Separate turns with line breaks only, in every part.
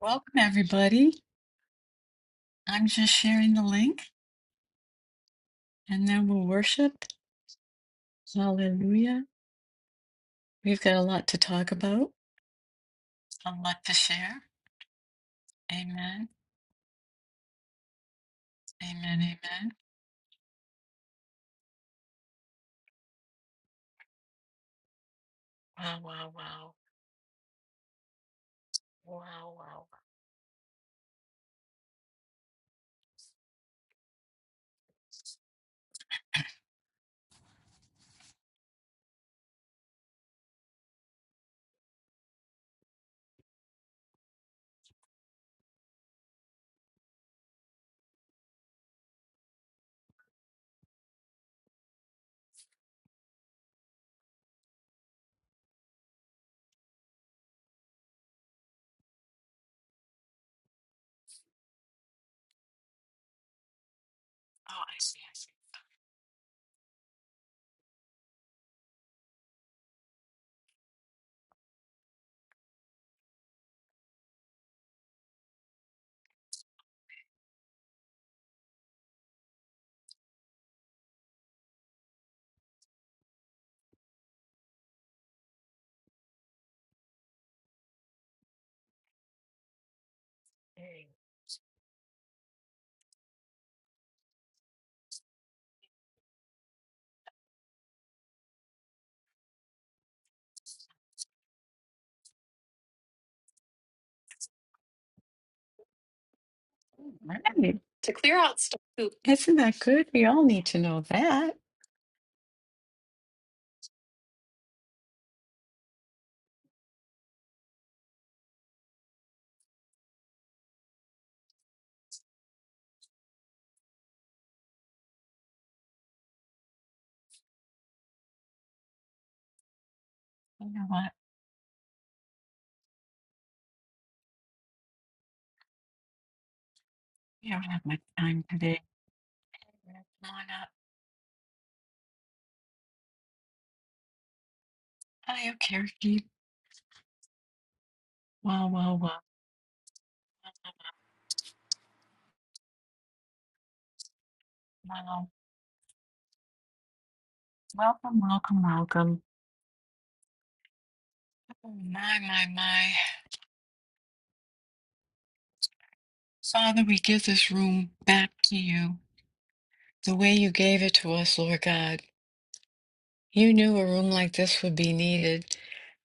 Welcome, everybody. I'm just sharing the link and then we'll worship. Hallelujah. We've got a lot to talk about, a lot to share. Amen. Amen. Amen. Wow, wow, wow. Wow, wow. Oh, I see. I see. Hey. All right. To clear out stuff. too. Isn't that good? We all need to know that. You know what? We don't have much time today. Come on up. Hi, Okereke. Wow, wow, wow. Wow. Welcome, welcome, welcome. Oh, my, my, my. Father, we give this room back to you the way you gave it to us, Lord God. You knew a room like this would be needed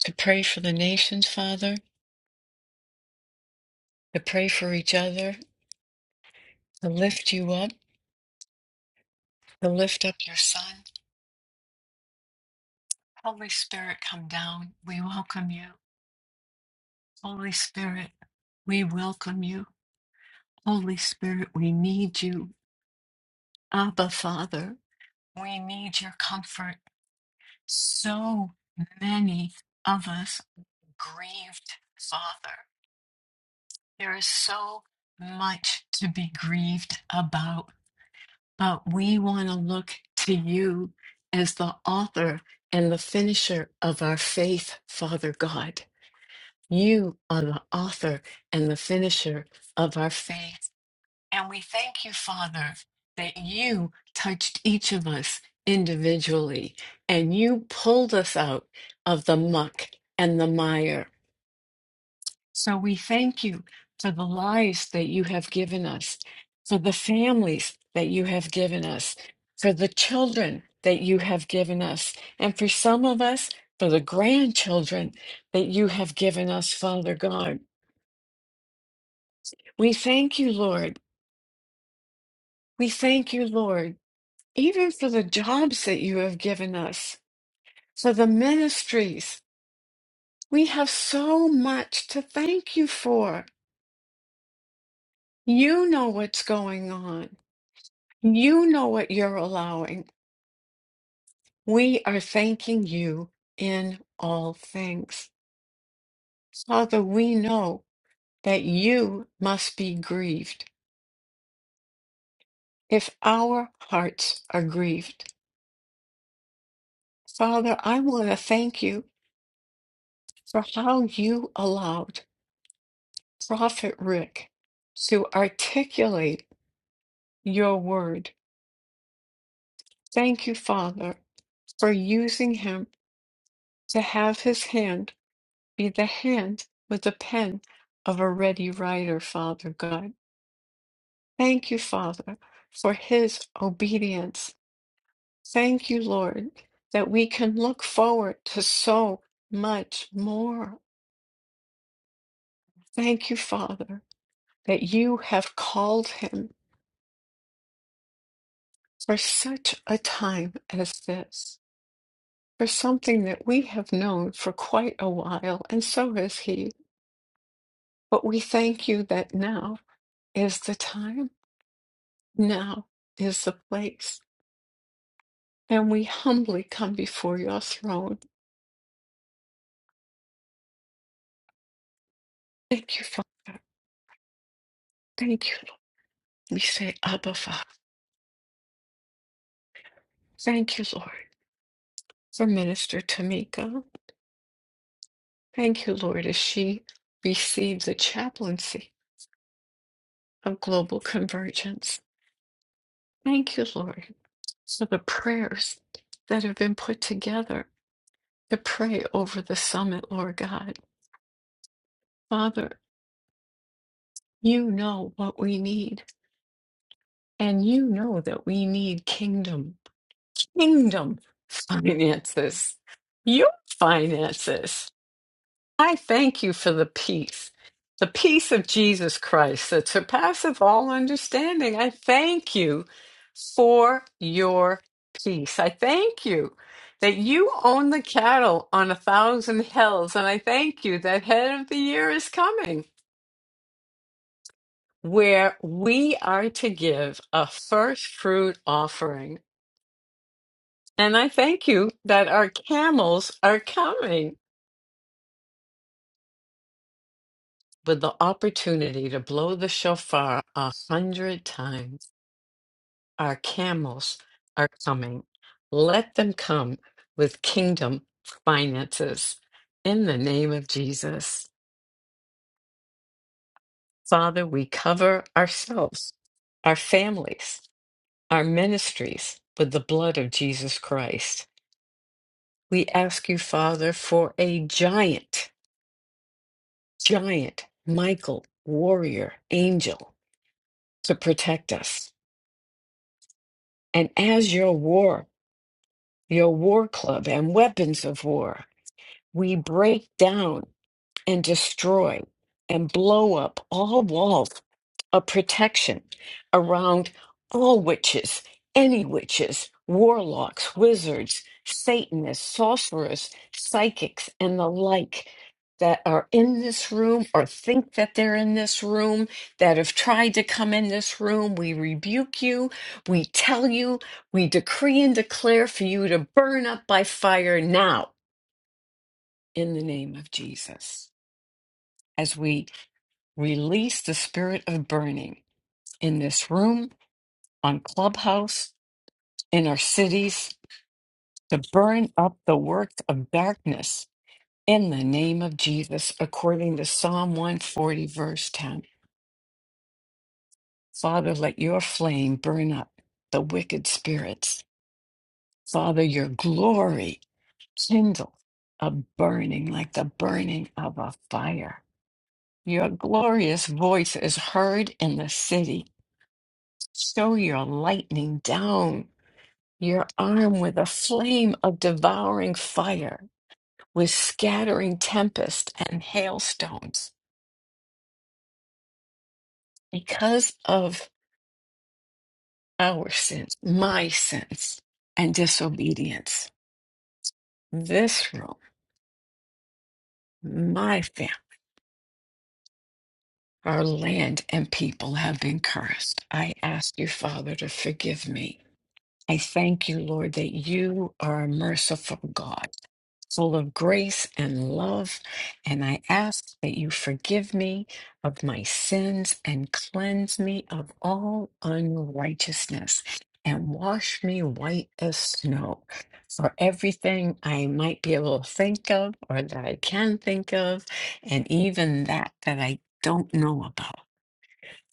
to pray for the nations, Father, to pray for each other, to lift you up, to lift up your Son. Holy Spirit, come down. We welcome you. Holy Spirit, we welcome you. Holy Spirit, we need you. Abba, Father, we need your comfort. So many of us grieved father. There is so much to be grieved about, but we want to look to you as the author and the finisher of our faith, Father God. You are the author and the finisher of our faith. And we thank you, Father, that you touched each of us individually and you pulled us out of the muck and the mire So we thank you for the lives that you have given us, for the families that you have given us, for the children that you have given us, and for some of us, for the grandchildren that you have given us, Father God. We thank you, Lord. We thank you, Lord, even for the jobs that you have given us, for the ministries. We have so much to thank you for. You know what's going on. You know what you're allowing. We are thanking you in all things. Father, we know that you must be grieved if our hearts are grieved. Father, I want to thank you for how you allowed Prophet Rick to articulate your word. Thank you, Father, for using him to have his hand be the hand with the pen of a ready writer, Father God. Thank you, Father, for his obedience. Thank you, Lord, that we can look forward to so much more. Thank you, Father, that you have called him for such a time as this, for something that we have known for quite a while, and so has he. But we thank you that now is the time, now is the place And we humbly come before your throne. Thank you, Father. Thank you. Lord. We say, Abba, Father. Thank you, Lord, for Minister Tamika. Thank you, Lord, as she received the chaplaincy of global convergence. Thank you, Lord, for the prayers that have been put together to pray over the summit, Lord God. Father, you know what we need, and you know that we need kingdom. kingdom finances, your finances. I thank you for the peace, the peace of Jesus Christ that surpasses all understanding. I thank you for your peace. I thank you that you own the cattle on a thousand hills. And I thank you that head of the year is coming. Where we are to give a first fruit offering. And I thank you that our camels are coming with the opportunity to blow the shofar a hundred times. Our camels are coming. Let them come with kingdom finances. In the name of Jesus, Father, we cover ourselves, our families, our ministries with the blood of Jesus Christ. We ask you, Father, for a giant giant, Michael, warrior, angel to protect us. And as your war, your war club and weapons of war, we break down and destroy and blow up all walls a protection around all witches, any witches, warlocks, wizards, Satanists, sorcerers, psychics, and the like that are in this room or think that they're in this room, that have tried to come in this room. We rebuke you. We tell you. We decree and declare for you to burn up by fire now in the name of Jesus as we release the spirit of burning in this room on Clubhouse, in our cities, to burn up the work of darkness in the name of Jesus, according to Psalm 140, verse 10. Father, let your flame burn up the wicked spirits. Father, your glory kindle a burning like the burning of a fire. Your glorious voice is heard in the city. Show your lightning down, your arm with a flame of devouring fire was scattering tempest and hailstones because of our sins, my sins, and disobedience. This room, my family, our land and people have been cursed. I ask you, Father, to forgive me. I thank you, Lord, that you are a merciful God. full of grace and love, and I ask that you forgive me of my sins and cleanse me of all unrighteousness and wash me white as snow for everything I might be able to think of or that I can think of, and even that that I don't know about.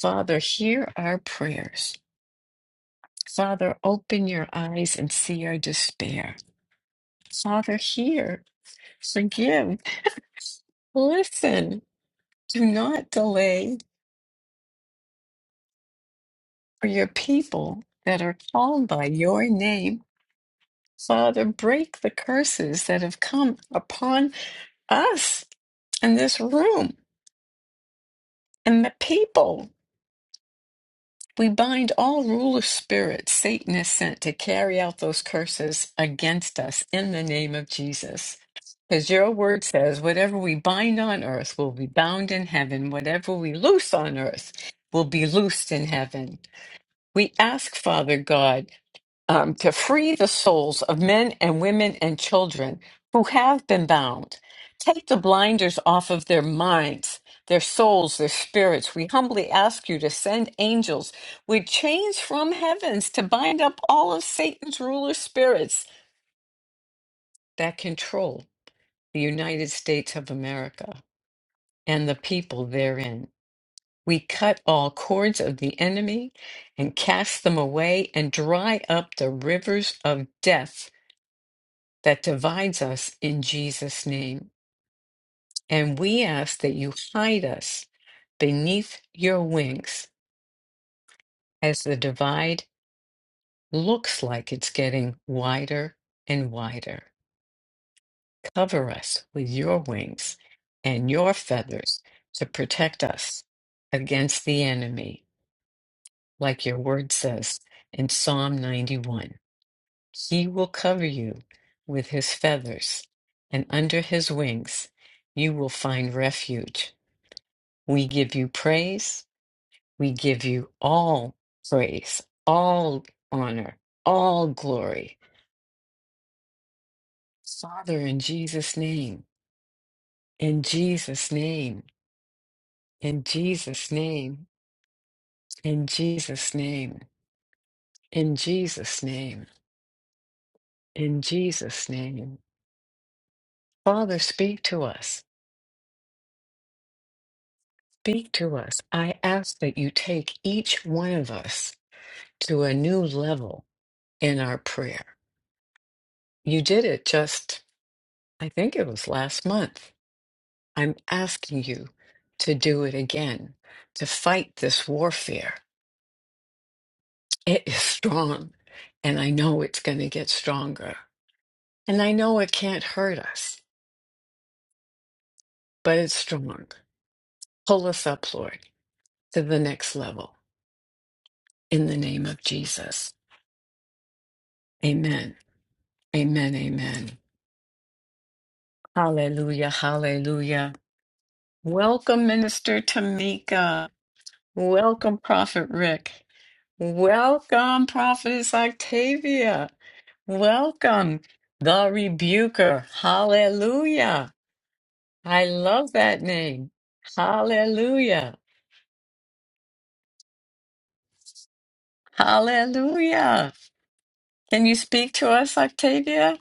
Father, hear our prayers. Father, open your eyes and see our despair. Father, hear, forgive. Listen, do not delay for your people that are called by your name. Father, break the curses that have come upon us and this room and the people. We bind all ruler spirits Satan is sent to carry out those curses against us in the name of Jesus. Because your word says, whatever we bind on earth will be bound in heaven, whatever we loose on earth will be loosed in heaven. We ask, Father God, um, to free the souls of men and women and children who have been bound. Take the blinders off of their minds, their souls, their spirits. We humbly ask you to send angels with chains from heavens to bind up all of Satan's ruler spirits that control the United States of America and the people therein. We cut all cords of the enemy and cast them away and dry up the rivers of death that divides us in Jesus' name. And we ask that you hide us beneath your wings as the divide looks like it's getting wider and wider. Cover us with your wings and your feathers to protect us against the enemy, like your word says in Psalm 91. He will cover you with his feathers, and under his wings you will find refuge. We give you praise. We give you all praise, all honor, all glory. Father, in Jesus' name, in Jesus' name, in Jesus' name, in Jesus' name, in Jesus' name, in Jesus' name. Father, speak to us. Speak to us. I ask that you take each one of us to a new level in our prayer. You did it just, I think it was last month. I'm asking you to do it again, to fight this warfare. It is strong, and I know it's going to get stronger. And I know it can't hurt us, but it's strong. Pull us up, Lord, to the next level in the name of Jesus. Amen. Amen. Amen. Hallelujah, hallelujah. Welcome, Minister Tamika. Welcome, Prophet Rick. Welcome, Prophetess Octavia. Welcome, the Rebuker. Hallelujah. I love that name. Hallelujah. Hallelujah. Can you speak to us, Octavia?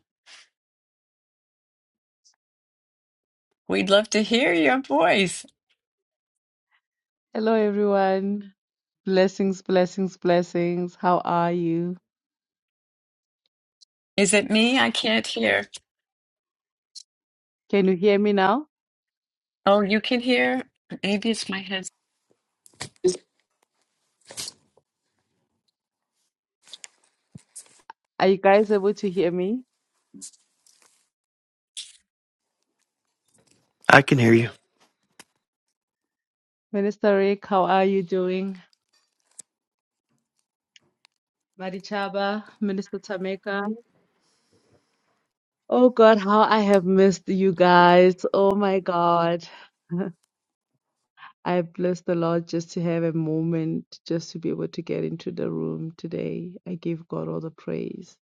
We'd love to hear your voice.
Hello, everyone. Blessings, blessings, blessings. How are you?
Is it me? I can't hear.
Can you hear me now?
Oh, you can hear? Maybe it's my headset.
Are you guys able to hear me?
I can hear you.
Minister Rick, how are you doing? Marichaba, Minister Tameka. Oh God, how I have missed you guys. Oh my God. I bless the Lord just to have a moment, just to be able to get into the room today. I give God all the praise.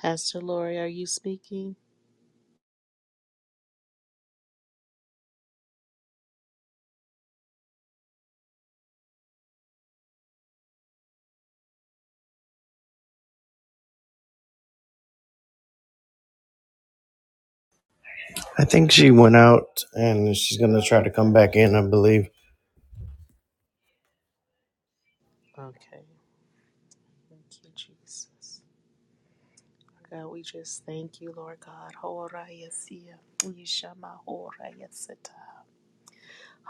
Pastor Lori, are you speaking?
I think she went out and she's gonna try to come back in, I believe.
Okay. Thank you, Jesus. God, we just thank you, Lord God. Horayasia, Ishama Horayasata,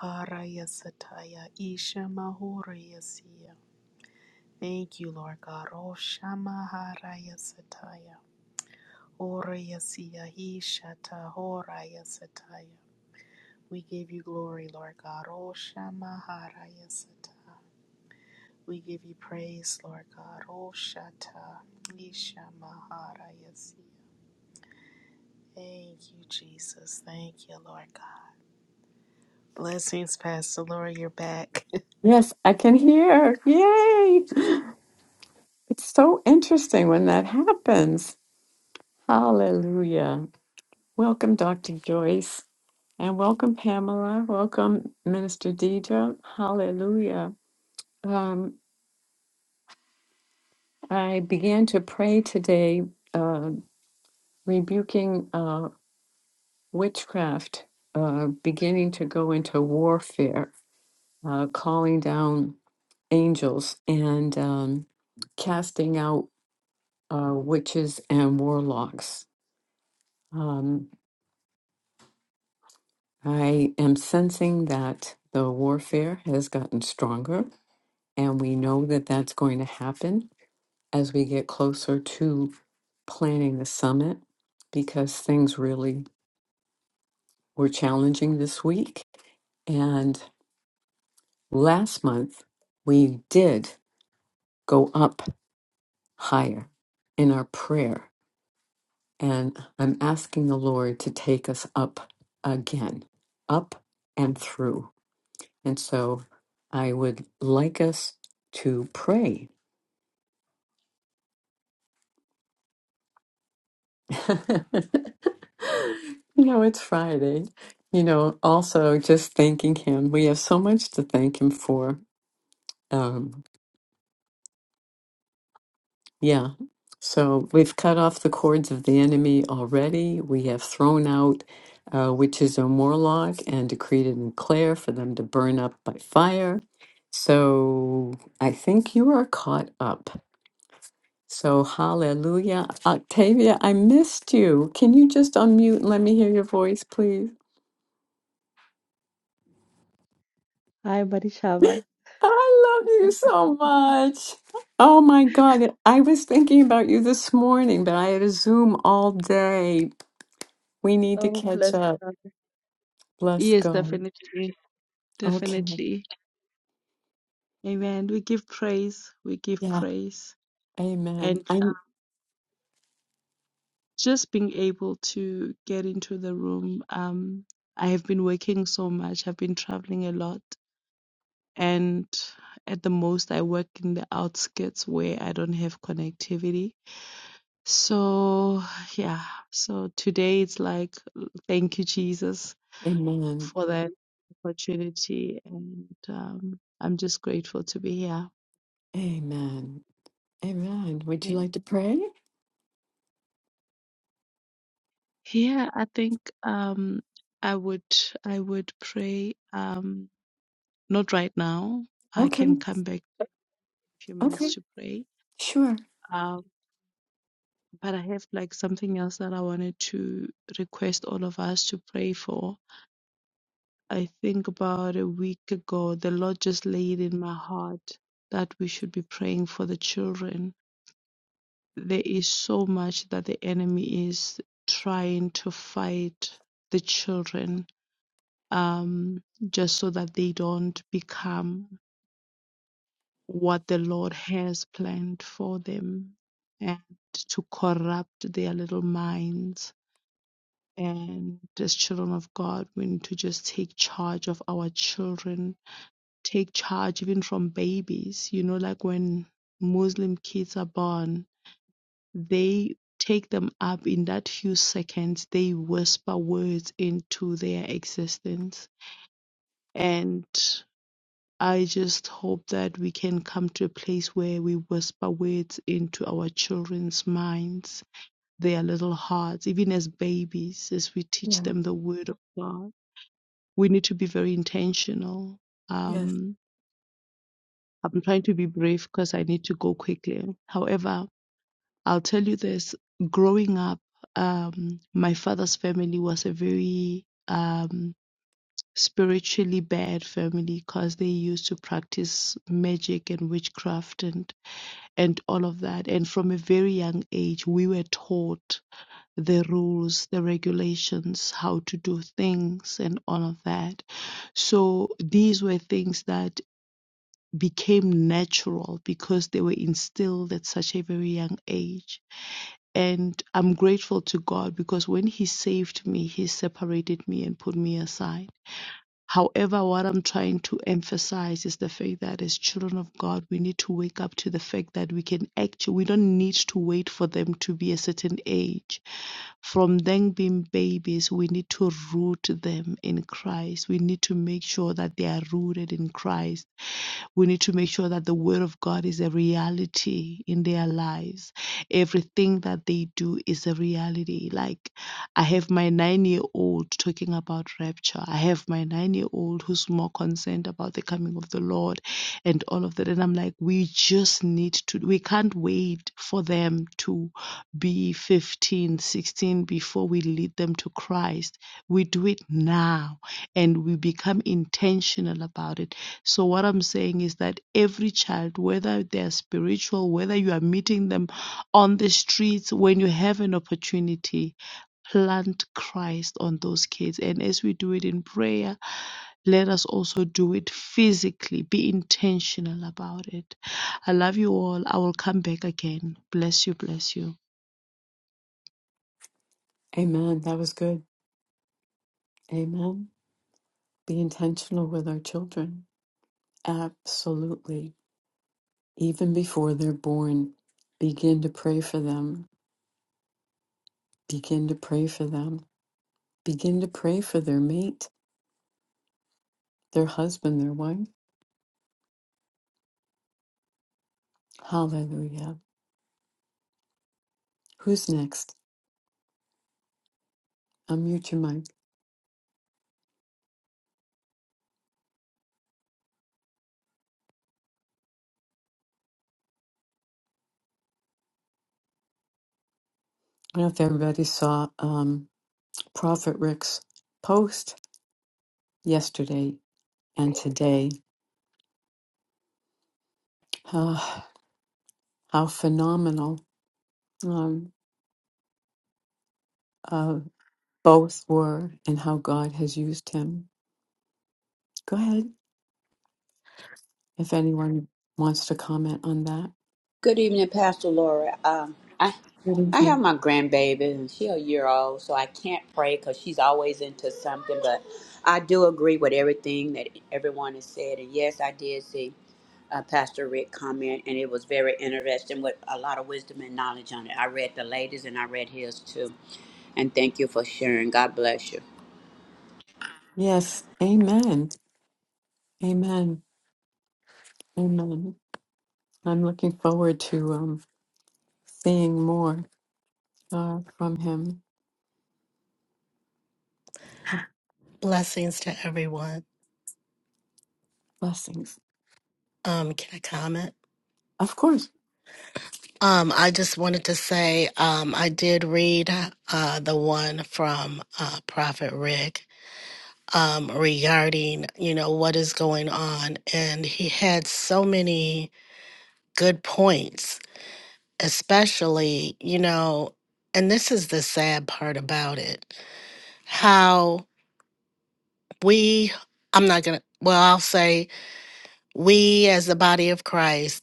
Harayasataya, Ishama Horayasia. Thank you, Lord God. Oshama Harayasataya, Horayasia, Ishata Horayasataya. We give you glory, Lord God. Oshama Harayasata. We give you praise, Lord God. Oh, Shata, Isha Mahara Yasi. Thank you, Jesus. Thank you, Lord God. Blessings, Pastor Lori. You're back.
Yes, I can hear. Yay! It's so interesting when that happens. Hallelujah. Welcome, Dr. Joyce. And welcome, Pamela. Welcome, Minister Deidre. Hallelujah. Um, I began to pray today, uh, rebuking uh, witchcraft, uh, beginning to go into warfare, uh, calling down angels and um, casting out uh, witches and warlocks Um, I am sensing that the warfare has gotten stronger, and we know that that's going to happen as we get closer to planning the summit because things really were challenging this week. And last month, we did go up higher in our prayer. And I'm asking the Lord to take us up again, up and through. And so I would like us to pray. you know, it's Friday. You know, also just thanking him. We have so much to thank him for. Um, yeah. So we've cut off the cords of the enemy already. We have thrown out uh, witches and warlock and decreed and declare for them to burn up by fire. So I think you are caught up. So, hallelujah. Octavia, I missed you. Can you just unmute and let me hear your voice, please?
Hi, Marichaba.
I love you so much. Oh my God. I was thinking about you this morning, but I had a Zoom all day. We need to
Oh,
catch
bless
up.
God.
Bless
Yes,
God.
definitely.
Okay.
Definitely. Amen. We give praise. We give
Yeah.
praise.
Amen.
And uh,
I'm
just being able to get into the room. Um, I have been working so much. I've been traveling a lot. And at the most, I work in the outskirts where I don't have connectivity. So, yeah. So today it's like, thank you, Jesus,
amen.
for that opportunity. And um, I'm just grateful to be here.
Amen. Amen. Would you
Amen.
like to pray?
Here I think um I would I would pray um not right now. I can
Okay.
come back in a few
Okay.
minutes to pray.
Sure.
Um but I have like something else that I wanted to request all of us to pray for. I think about a week ago the Lord just laid in my heart that we should be praying for the children. There is so much that the enemy is trying to fight the children um, just so that they don't become what the Lord has planned for them and to corrupt their little minds. And as children of God, we need to just take charge of our children, take charge even from babies. You know, like when Muslim kids are born, they take them up in that few seconds, they whisper words into their existence. And I just hope that we can come to a place where we whisper words into our children's minds, their little hearts, even as babies, as we teach
Yeah.
them the word of God. We need to be very intentional.
Yes.
Um, I'm trying to be brief because I need to go quickly. However, I'll tell you this growing up, um, my father's family was a very um, spiritually bad family because they used to practice magic and witchcraft and and all of that. And from a very young age, we were taught the rules, the regulations, how to do things, and all of that. So these were things that became natural because they were instilled at such a very young age. And I'm grateful to God because when He saved me, He separated me and put me aside However, what I'm trying to emphasize is the fact that as children of God, we need to wake up to the fact that we can actually, we don't need to wait for them to be a certain age. From them being babies, we need to root them in Christ. We need to make sure that they are rooted in Christ we need to make sure that the Word of God is a reality in their lives. Everything that they do is a reality. Like, I have my nine year old talking about rapture. I have my nine year old who's more concerned about the coming of the Lord and all of that. And I'm like, we just need to, we can't wait for them to be 15, 16 before we lead them to Christ. We do it now and we become intentional about it. So, what I'm saying is that every child, whether they're spiritual, whether you are meeting them on the streets, when you have an opportunity, plant Christ on those kids. And as we do it in prayer, let us also do it physically. Be intentional about it. I love you all. I will come back again. Bless you, bless you.
Amen. That was good. Amen. Be intentional with our children. Absolutely. Even before they're born, begin to pray for them. Begin to pray for them. Begin to pray for their mate, their husband, their wife. Hallelujah. Who's next? Unmute your mic. I don't know if everybody saw um, Prophet Rick's post yesterday and today. Ah, how phenomenal um, uh, both were and how God has used him. Go ahead. if anyone wants to comment on that.
Good evening, Pastor Laura. Um, I
Good
I have
evening.
my grandbaby, and she a year old, so I can't pray because she's always into something. But I do agree with everything that everyone has said, and yes, I did see uh, Pastor Rick comment, and it was very interesting with a lot of wisdom and knowledge on it. I read the ladies, and I read his too. And thank you for sharing. God bless you,
Yes, amen. Amen. Amen. I'm looking forward to um, seeing more uh, from him.
Blessings to everyone.
Blessings.
Um, can I comment?
Of course.
Um, I just wanted to say um, I did read uh, the one from uh, Prophet Rick um, regarding you know what is going on, and he had so many good points, especially you know, and this is the sad part about it, how we. I'm not gonna. Well, I'll say we as the body of Christ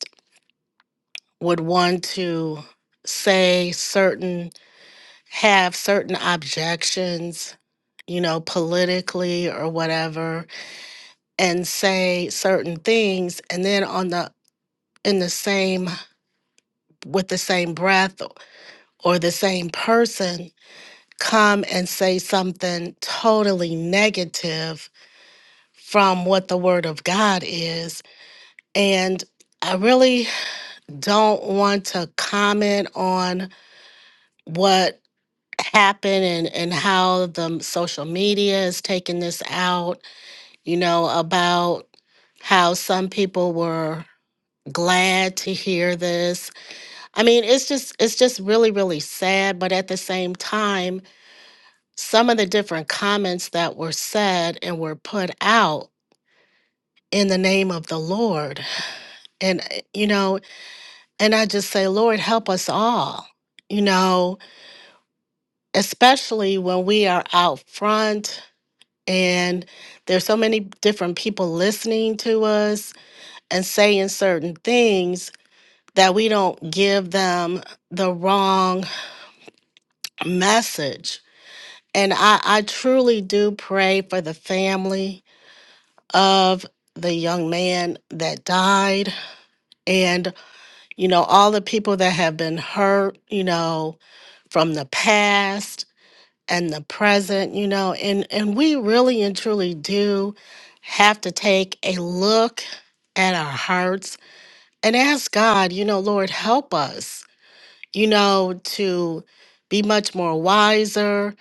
would want to say certain, have certain objections, you know, politically or whatever, and say certain things. And then on the, in the same, with the same breath or the same person, come and say something totally negative from what the Word of God is. And I really don't want to comment on what happen and and how the social media is taking this out you know about how some people were glad to hear this i mean it's just it's just really really sad but at the same time some of the different comments that were said and were put out in the name of the lord and uh, you know and i just say lord help us all you know especially when we are out front and there's so many different people listening to us and saying certain things that we don't give them the wrong message and i, I truly do pray for the family of the young man that died and you know all the people that have been hurt you know from the past and the present you know and and we really and truly do have to take a look at our hearts and ask God, you know, Lord, help us, you know, to be much more wiser,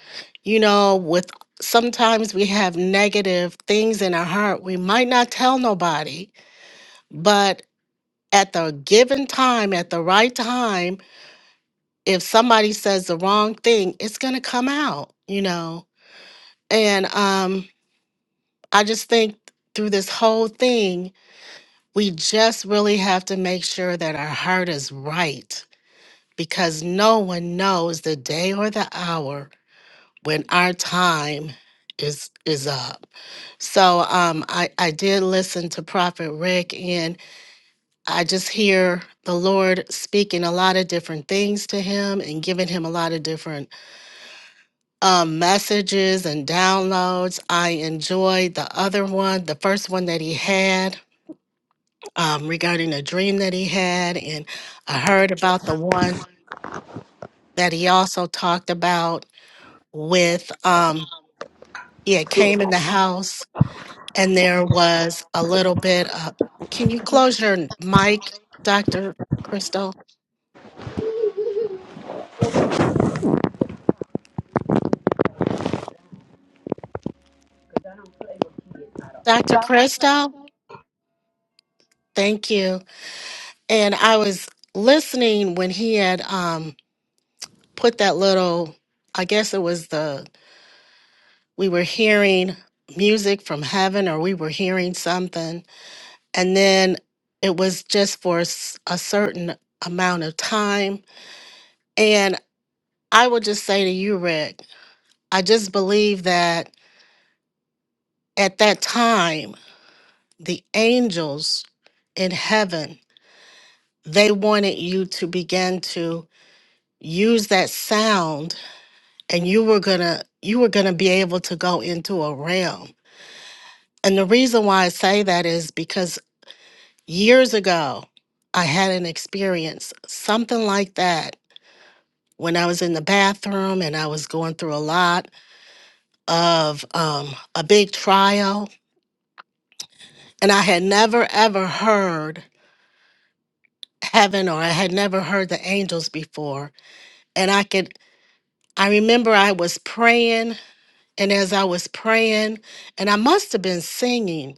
you know, with sometimes we have negative things in our heart. We might not tell nobody, but at the given time, at the right time, if somebody says the wrong thing, it's going to come out, you know. And um I just think through this whole thing, we just really have to make sure that our heart is right because no one knows the day or the hour when our time is is up. So um I I did listen to Prophet Rick and I just hear the Lord speaking a lot of different things to him and giving him a lot of different um messages and downloads. I enjoyed the other one, the first one that he had um regarding a dream that he had and I heard about the one that he also talked about with um yeah came in the house and there was a little bit of can you close your mic dr crystal dr crystal thank you and i was listening when he had um put that little i guess it was the we were hearing music from heaven or we were hearing something and then it was just for s- a certain amount of time. And I would just say to you, Rick, I just believe that at that time, the angels in heaven, they wanted you to begin to use that sound and you were going to you were going to be able to go into a realm. And the reason why I say that is because years ago I had an experience something like that when I was in the bathroom and I was going through a lot of um, a big trial. And I had never, ever heard heaven or I had never heard the angels before. And I could, I remember I was praying. And as I was praying, and I must have been singing,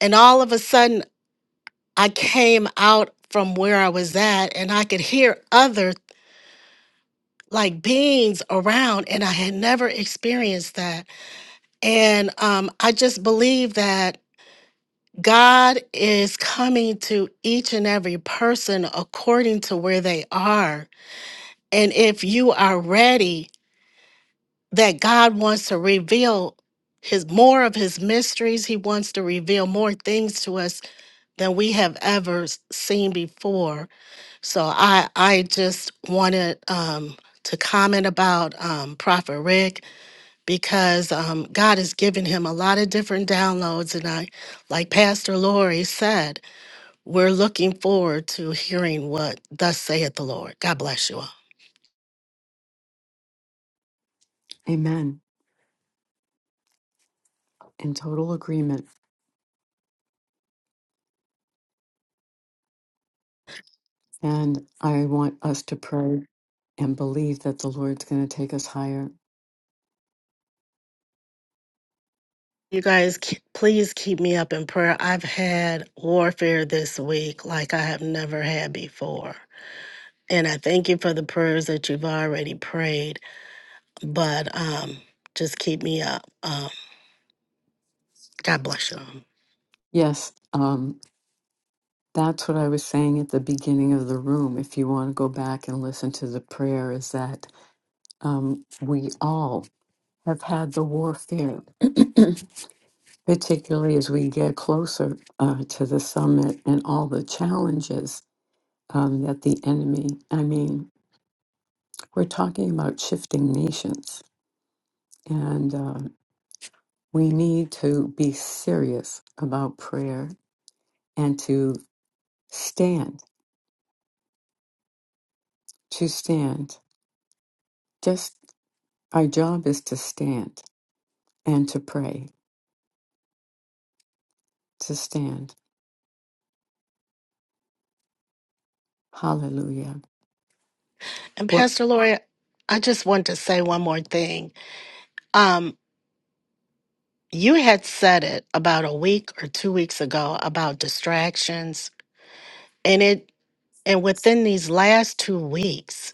and all of a sudden I came out from where I was at and I could hear other like beings around. And I had never experienced that. And um, I just believe that God is coming to each and every person according to where they are. And if you are ready, that God wants to reveal his more of his mysteries, he wants to reveal more things to us than we have ever s- seen before. So I I just wanted um to comment about um Prophet Rick because um God has given him a lot of different downloads and I like Pastor Lori said we're looking forward to hearing what thus saith the Lord. God bless you all.
Amen. In total agreement. And I want us to pray and believe that the Lord's going to take us higher.
You guys, ke- please keep me up in prayer. I've had warfare this week like I have never had before. And I thank you for the prayers that you've already prayed, but um, just keep me up. Um, God bless you. all.
Yes, um, that's what I was saying at the beginning of the room. If you want to go back and listen to the prayer, is that um, we all have had the warfare, particularly as we get closer uh, to the summit and all the challenges um, that the enemy, I mean, we're talking about shifting nations, and uh, we need to be serious about prayer and to stand, to stand. Just our job is to stand and to pray, to stand. Hallelujah.
And
Well,
Pastor Lori, I just want to say one more thing. Um, you had said it about a week or two weeks ago about distractions, and it And within these last two weeks,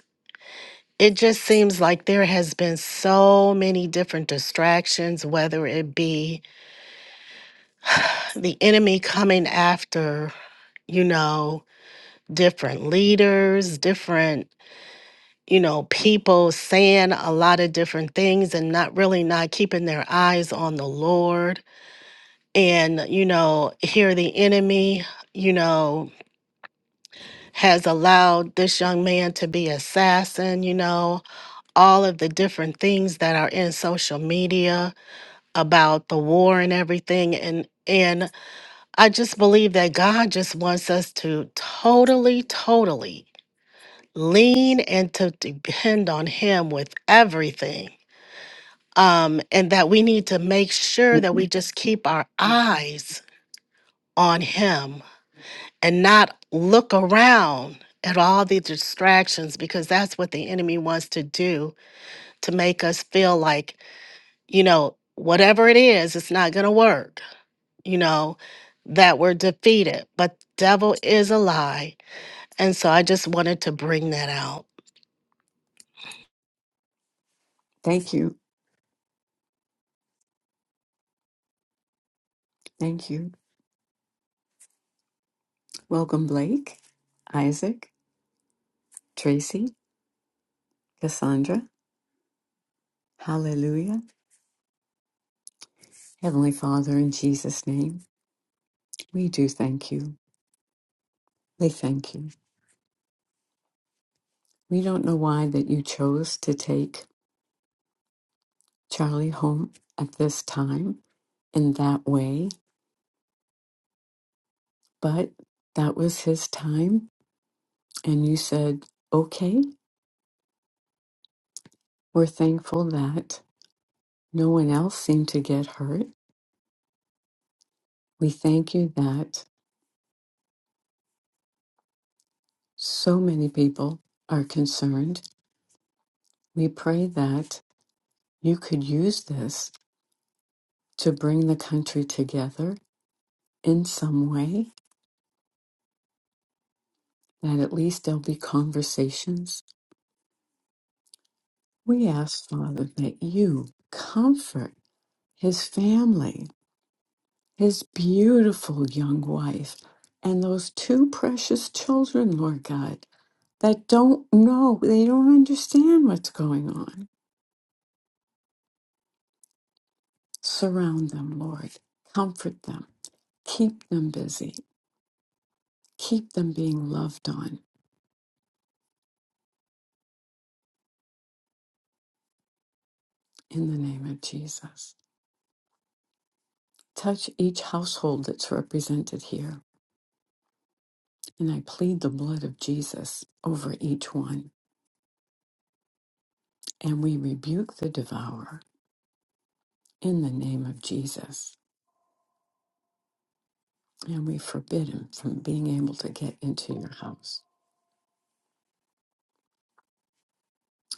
it just seems like there has been so many different distractions, whether it be the enemy coming after, you know, different leaders, different, you know, people saying a lot of different things and not really not keeping their eyes on the Lord. And, you know, here the enemy, you know, has allowed this young man to be assassin, you know, all of the different things that are in social media about the war and everything and and I just believe that God just wants us to totally totally lean and to depend on him with everything um and that we need to make sure
mm,
that
mm,
we just keep our eyes on him and not look around at all the distractions because that's what the enemy wants to do to make us feel like you know, whatever it is, it's not going to work, you know, that we're defeated. But devil is a lie. And so I just wanted to bring that out.
Thank you. Thank you. Welcome, Blake, Isaac. Tracy, Cassandra, hallelujah. Heavenly Father, in Jesus' name, we do thank you. We thank you. We don't know why that you chose to take Charlie home at this time in that way, but that was his time. And you said, okay, we're thankful that no one else seemed to get hurt. We thank you that so many people are concerned. We pray that you could use this to bring the country together in some way, that at least there'll be conversations. We ask, Father, that you comfort his family, his beautiful young wife, and those two precious children, Lord God, that don't know, they don't understand what's going on. Surround them, Lord. Comfort them. Keep them busy. Keep them being loved on in the name of Jesus. Touch each household that's represented here, and I plead the blood of Jesus over each one. And we rebuke the devourer in the name of Jesus, and we forbid him from being able to get into your house.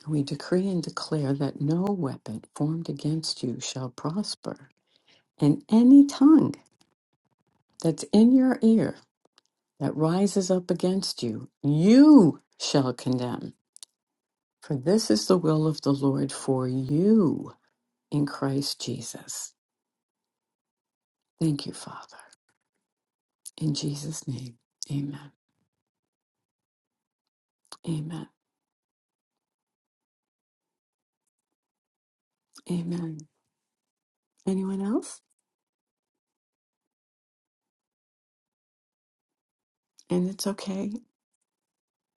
We decree and declare that no weapon formed against you shall prosper, and any tongue that's in your ear that rises up against you, you shall condemn. For this is the will of the Lord for you in Christ Jesus. Thank you, Father. In Jesus' name, amen. Amen. Amen. Anyone else? And it's okay.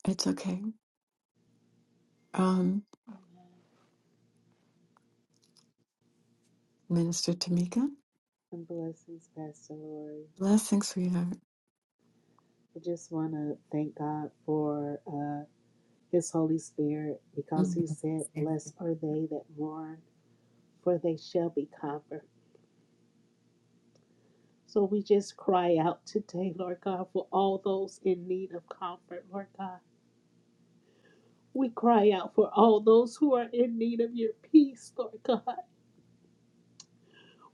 It's okay. Um, Minister Tamika,
and blessings, Pastor Lori.
blessings, sweetheart.
I just want to thank God for uh, His Holy Spirit because He
Mm.
said, Blessed are they that mourn, for they shall be comforted. So we just cry out today, Lord God, for all those in need of comfort, Lord God. We cry out for all those who are in need of your peace, Lord God.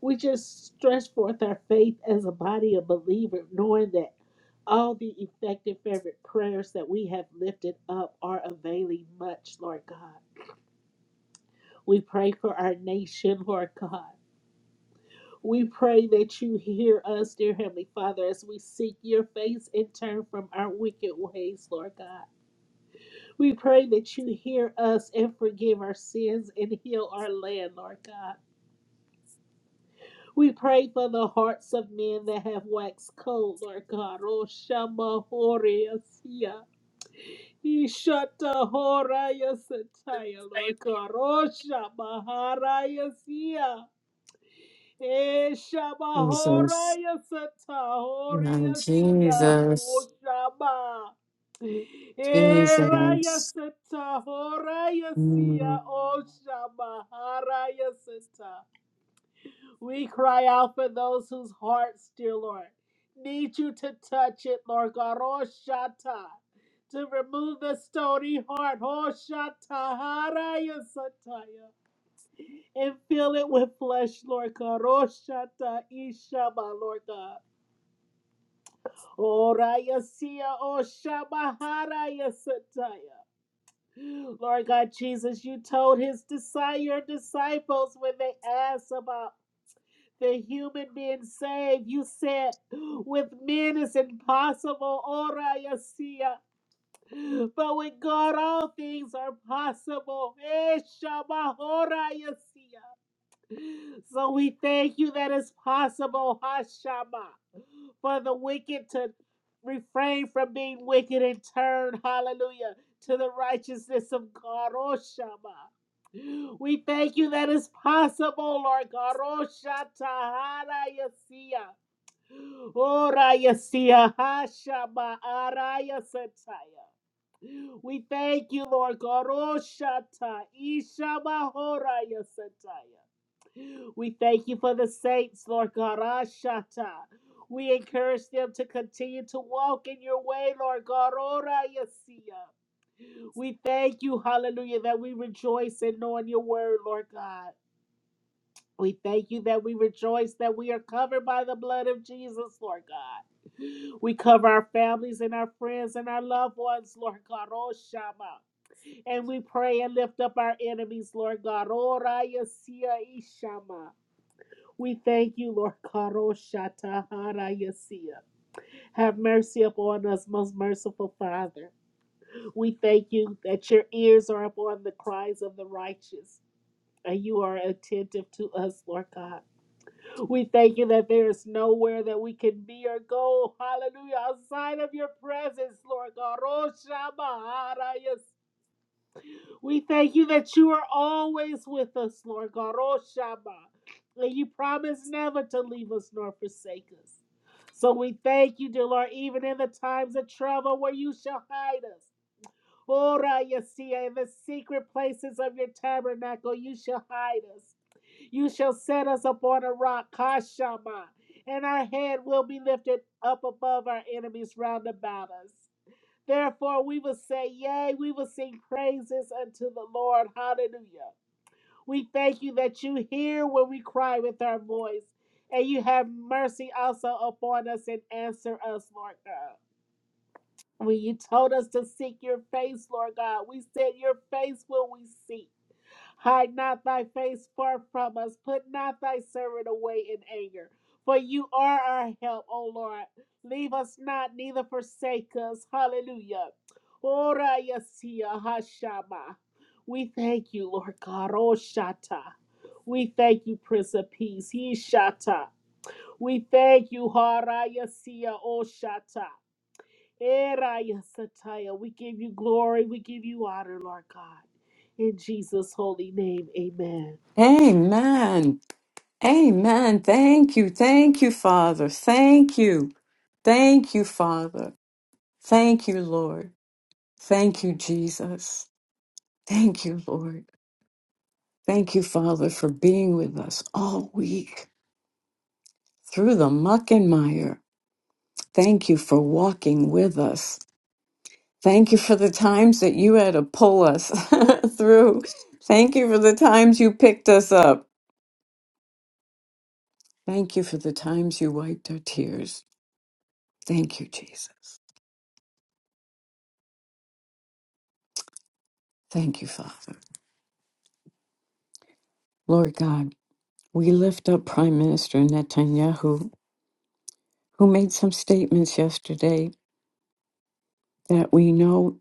We just stretch forth our faith as a body of believers, knowing that all the effective fervent prayers that we have lifted up are availing much, Lord God. We pray for our nation, Lord God. We pray that you hear us, dear Heavenly Father, as we seek your face and turn from our wicked ways, Lord God. We pray that you hear us and forgive our sins and heal our land, Lord God. We pray for the hearts of men that have waxed cold, Lord God. Oh, Shama Horiasia. Ishata Horaya Sataya, Lord God. Oh, Shama Harayasia. Eh, Shama
Jesus.
Horaya Sata
Now,
Horiasia. Oh,
Jesus.
Shama. Eh, Raya
Jesus.
Sata Horaya Sia.
Mm.
Oh, Shama Haraya Sata. We cry out for those whose hearts, dear Lord, need you to touch it, Lord God. Oh, Shatta. To remove the stony heart. Oh, Shatta. Haraya Sataya. And fill it with flesh, Lord God. Oh, Shatta. Ishaba, Lord God. Oh, Raya Siya. Oh, Shaba. Haraya Sataya. Lord God Jesus, you told his desire disciples when they asked about. the human being saved. You said, with men it's impossible. Ora yasia. But with God, all things are possible. Eh, Shama, ora yasia. So we thank you that it's possible, Hashama, for the wicked to refrain from being wicked and turn, hallelujah, to the righteousness of God, oh Shama. We thank you that it's possible, Lord God, oh Shatahara Yasia. Ora Yasia Hashama Araya Sataya. We thank you, Lord God, oh Shata Ishama Hora Yasataya. We thank you for the saints, Lord God. Ashata. We encourage them to continue to walk in your way, Lord God. Ora Yesia. We thank you, hallelujah, that we rejoice in knowing your word, Lord God. We thank you that we rejoice that we are covered by the blood of Jesus, Lord God. We cover our families and our friends and our loved ones, Lord God. Oh, Shama. And we pray and lift up our enemies, Lord God. Ora Yesia Ishama. We thank you, Lord Karoshataharayasia. Have mercy upon us, most merciful Father. We thank you that your ears are upon the cries of the righteous. And you are attentive to us, Lord God. We thank you that there is nowhere that we can be or go, hallelujah, outside of your presence, Lord God. Roshama We thank you that you are always with us, Lord God. Oh, Shama. And you promise never to leave us nor forsake us. So we thank you, dear Lord, even in the times of trouble where you shall hide us. Ora Yasia, in the secret places of your tabernacle, you shall hide us. You shall set us upon a rock, Kashama, and our head will be lifted up above our enemies round about us. Therefore, we will say, Yea, we will sing praises unto the Lord. Hallelujah. We thank you that you hear when we cry with our voice, and you have mercy also upon us and answer us, Lord God. When you told us to seek your face, Lord God, we said your face will we seek. Hide not thy face far from us. Put not thy servant away in anger. For you are our help, O Lord. Leave us not, neither forsake us. Hallelujah. Ora yasia hashama. We thank you, Lord God. Oh Shata. We thank you, Prince of Peace. He Shata. We thank you, Hara yasia. Oh Shata. Eraya Sataya. We give you glory. We give you honor, Lord God. In Jesus' holy name, amen.
Amen. Amen. Thank you. Thank you, Father. Thank you. Thank you, Father. Thank you, Lord. Thank you, Jesus. Thank you, Lord. Thank you, Father, for being with us all week through the muck and mire. Thank you for walking with us. Thank you for the times that you had to pull us through. Thank you for the times you picked us up. Thank you for the times you wiped our tears. Thank you, Jesus. Thank you, Father. Lord God, we lift up Prime Minister Netanyahu, who made some statements yesterday that we know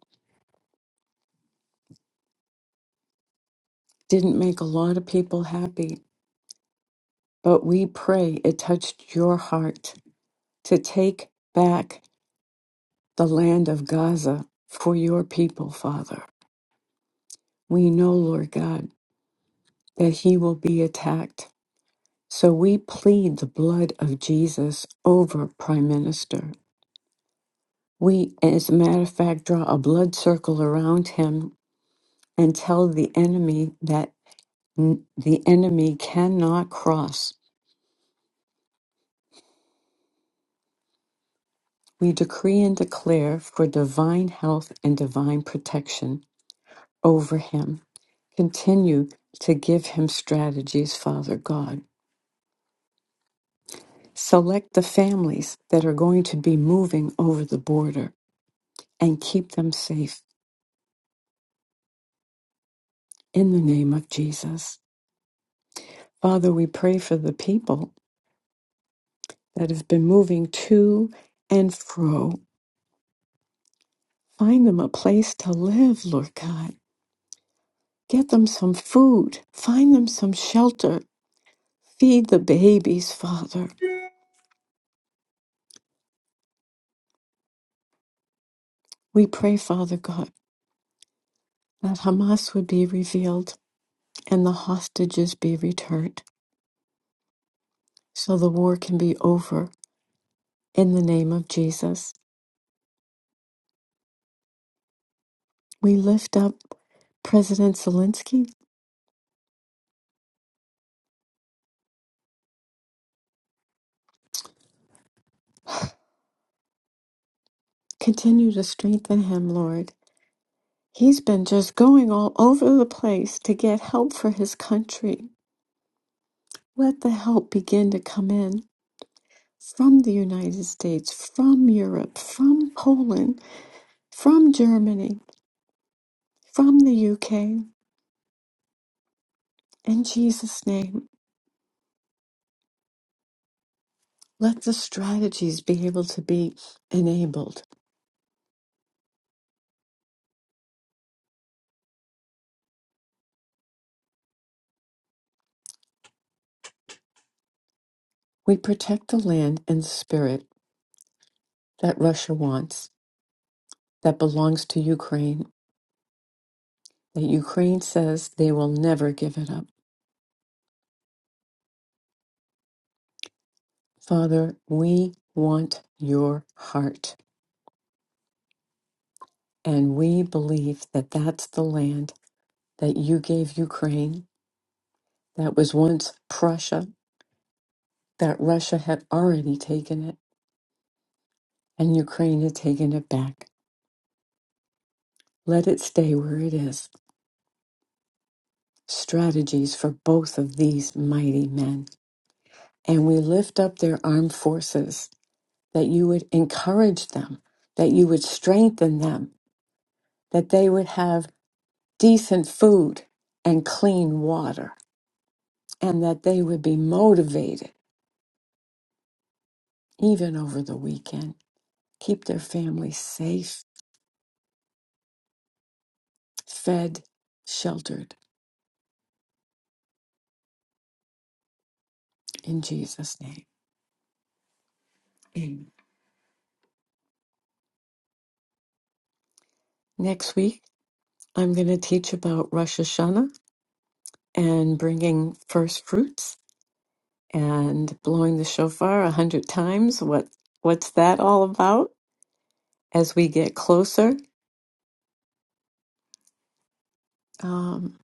didn't make a lot of people happy, but we pray it touched your heart to take back the land of Gaza for your people, Father. We know, Lord God, that he will be attacked. So we plead the blood of Jesus over Prime Minister. We, as a matter of fact, draw a blood circle around him and tell the enemy that n- the enemy cannot cross We decree and declare for divine health and divine protection over him. Continue to give him strategies, Father God. Select the families that are going to be moving over the border and keep them safe in the name of Jesus. Father, we pray for the people that have been moving to and fro. Find them a place to live, Lord God. Get them some food. Find them some shelter. Feed the babies, Father. We pray, Father God, that Hamas would be revealed and the hostages be returned so the war can be over in the name of Jesus. We lift up President Zelensky. Continue to strengthen him, Lord. He's been just going all over the place to get help for his country. Let the help begin to come in from the United States, from Europe, from Poland, from Germany, from the UK. In Jesus' name. Let the strategies be able to be enabled. We protect the land and spirit that Russia wants, that belongs to Ukraine, that Ukraine says they will never give it up. Father, we want your heart, and we believe that that's the land that you gave Ukraine, that was once Prussia, that Russia had already taken it, and Ukraine had taken it back. Let it stay where it is strategies for both of these mighty men. And we lift up their armed forces that you would encourage them, that you would strengthen them, that they would have decent food and clean water, and that they would be motivated even over the weekend. Keep their families safe, fed, sheltered in Jesus' name. Amen. Next week, I'm going to teach about Rosh Hashanah and bringing first fruits and blowing the shofar a hundred times. What what's that all about? As we get closer, um,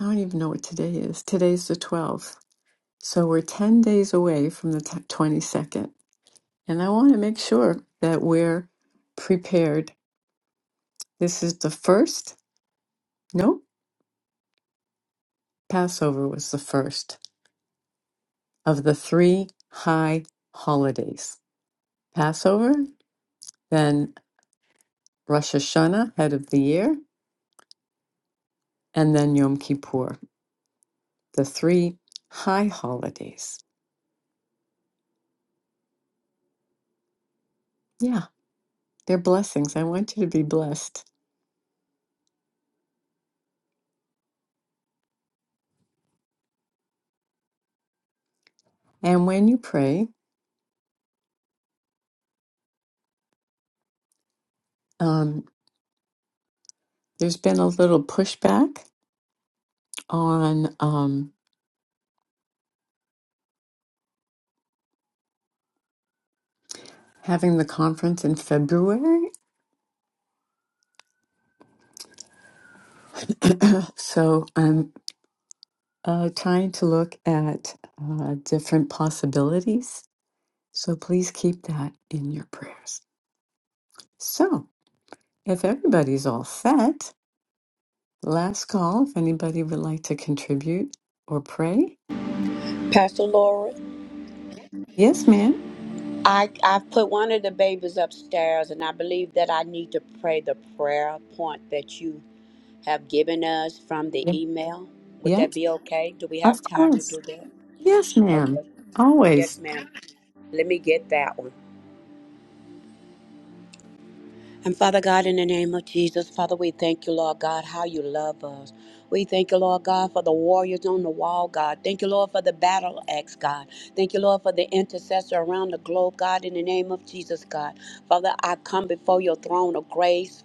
I don't even know what today is. Today's the twelfth, so we're ten days away from the twenty second, and I want to make sure that we're prepared. This is the first. No, Passover was the first of the three high holidays: Passover, then Rosh Hashanah, head of the year, and then Yom Kippur. the three high holidays. Yeah, they're blessings. I want you to be blessed. And when you pray, um, there's been a little pushback on um, having the conference in February. so I'm uh, trying to look at uh, different possibilities. So please keep that in your prayers. So if everybody's all set, last call if anybody would like to contribute or pray.
Pastor Laura.
Yes, ma'am.
I I put one of the babies upstairs, and I believe that I need to pray the prayer point that you have given us from the email. Would
Yeah,
that be okay? Do we
of
have time to
course.
do that?
Yes, ma'am.
Okay. Yes,
Always.
ma'am. Let me get that one. And Father God, in the name of Jesus, Father, we thank you, Lord God, how you love us. We thank you, Lord God, for the warriors on the wall, God. Thank you, Lord, for the battle axe, God. Thank you, Lord, for the intercessor around the globe, God, in the name of Jesus, God. Father, I come before your throne of grace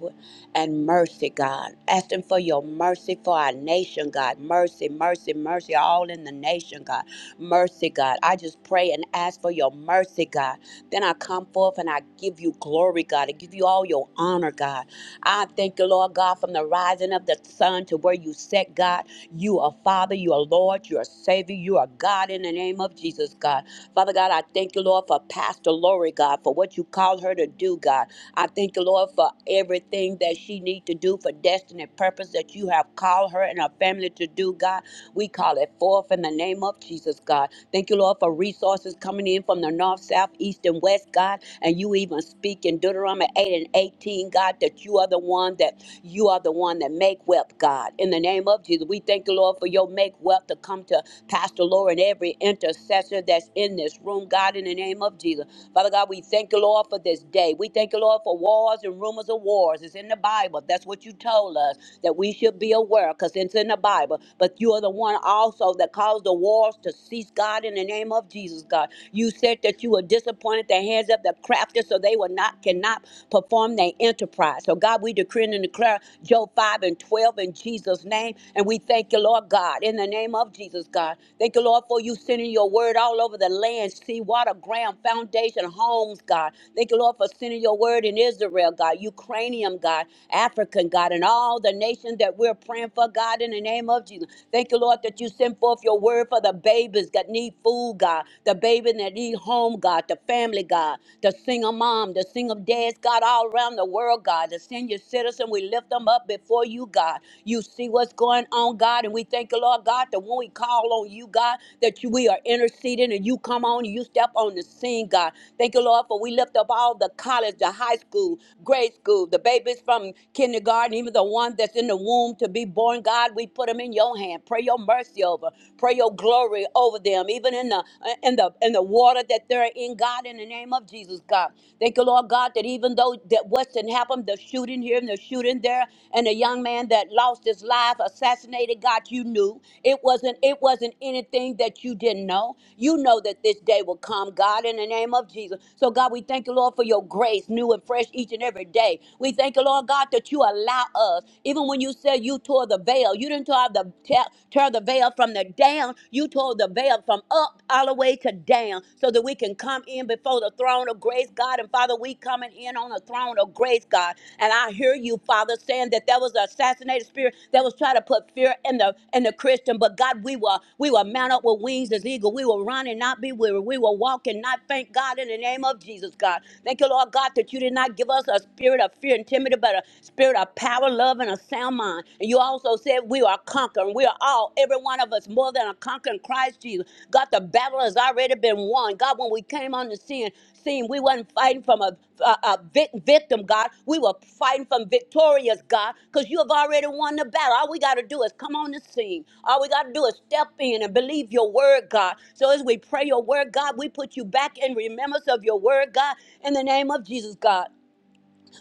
and mercy, God, asking for your mercy for our nation, God. Mercy, mercy, mercy, all in the nation, God. Mercy, God. I just pray and ask for your mercy, God. Then I come forth and I give you glory, God. I give you all your honor, God. I thank you, Lord God, from the rising of the sun to where you set, God. You are Father, you are Lord, you are Savior, you are God in the name of Jesus, God. Father God, I thank you, Lord, for Pastor Lori, God, for what you called her to do, God. I thank you, Lord, for everything that she needs to do for destiny and purpose that you have called her and her family to do, God. We call it forth in the name of Jesus, God. Thank you, Lord, for resources coming in from the north, south, east, and west, God. And you even speak in Deuteronomy 8 and 18, God, that you are the one that you are the one that make wealth, God. In the name of Jesus, we thank you, Lord, for your make wealth to come to Pastor Laura and every intercessor that's in this room, God, in the name of Jesus. Father God, we thank you, Lord, for this day. We thank you, Lord, for wars and rumors of wars. It's in the Bible. That's what you told us that we should be aware because it's in the Bible. But you are the one also that caused the wars to cease, God, in the name of Jesus, God. You said that you were disappointed the hands of the crafty, so they will not cannot perform their enterprise. So God, we decree and declare Job 5 and 12 in Jesus' name. And we thank you, Lord God, in the name of Jesus, God. Thank you, Lord, for you sending your word all over the land, sea, water, ground, foundation, homes, God. Thank you, Lord, for sending your word in Israel, God, Ukrainian, God, African, God. God, and all the nations that we're praying for, God, in the name of Jesus. Thank you, Lord, that you send forth your word for the babies that need food, God, the baby that need home, God, the family, God, the single mom, the single dads, God, all around the world, God, the senior citizen. We lift them up before you, God. You see what's going on, God, and we thank you, Lord, God, that when we call on you, God, that you, we are interceding and you come on and you step on the scene, God. Thank you, Lord, for we lift up all the college, the high school, grade school, the babies from kindergarten, even the one that's in the womb to be born. God, we put them in your hand. Pray your mercy over. Pray your glory over them. Even in the in the in the water that they're in, God, in the name of Jesus, God. Thank you, Lord God, that even though that Weston happened, the shooting here and the shooting there, and the young man that lost his life, assassinated, God, you knew. It wasn't it wasn't anything that you didn't know. You know that this day will come, God, in the name of Jesus. So God, we thank you, Lord, for your grace, new and fresh each and every day. We thank thank you, Lord God, that you allow us. Even when you said you tore the veil, you didn't tear the tear, tear the veil from the down. You tore the veil from up all the way to down, so that we can come in before the throne of grace, God. And Father, we coming in on the throne of grace, God. And I hear you, Father, saying that there was an assassinated spirit that was trying to put fear in the in the Christian. But God, we were we were mount up with wings as eagle. We will run and not be weary. We will walk and not faint, God, in the name of Jesus, God. Thank you, Lord God, that you did not give us a spirit of fear and timidity, but a spirit of power, love, and a sound mind. And you also said we are conquering. We are all, every one of us, more than a conqueror in Christ Jesus. God, the battle has already been won. God, when we came on the scene, scene we wasn't fighting from a, a, a vic- victim, God. We were fighting from victorious, God, because you have already won the battle. All we got to do is come on the scene. All we got to do is step in and believe your word, God. So as we pray your word, God, we put you back in remembrance of your word, God, in the name of Jesus, God.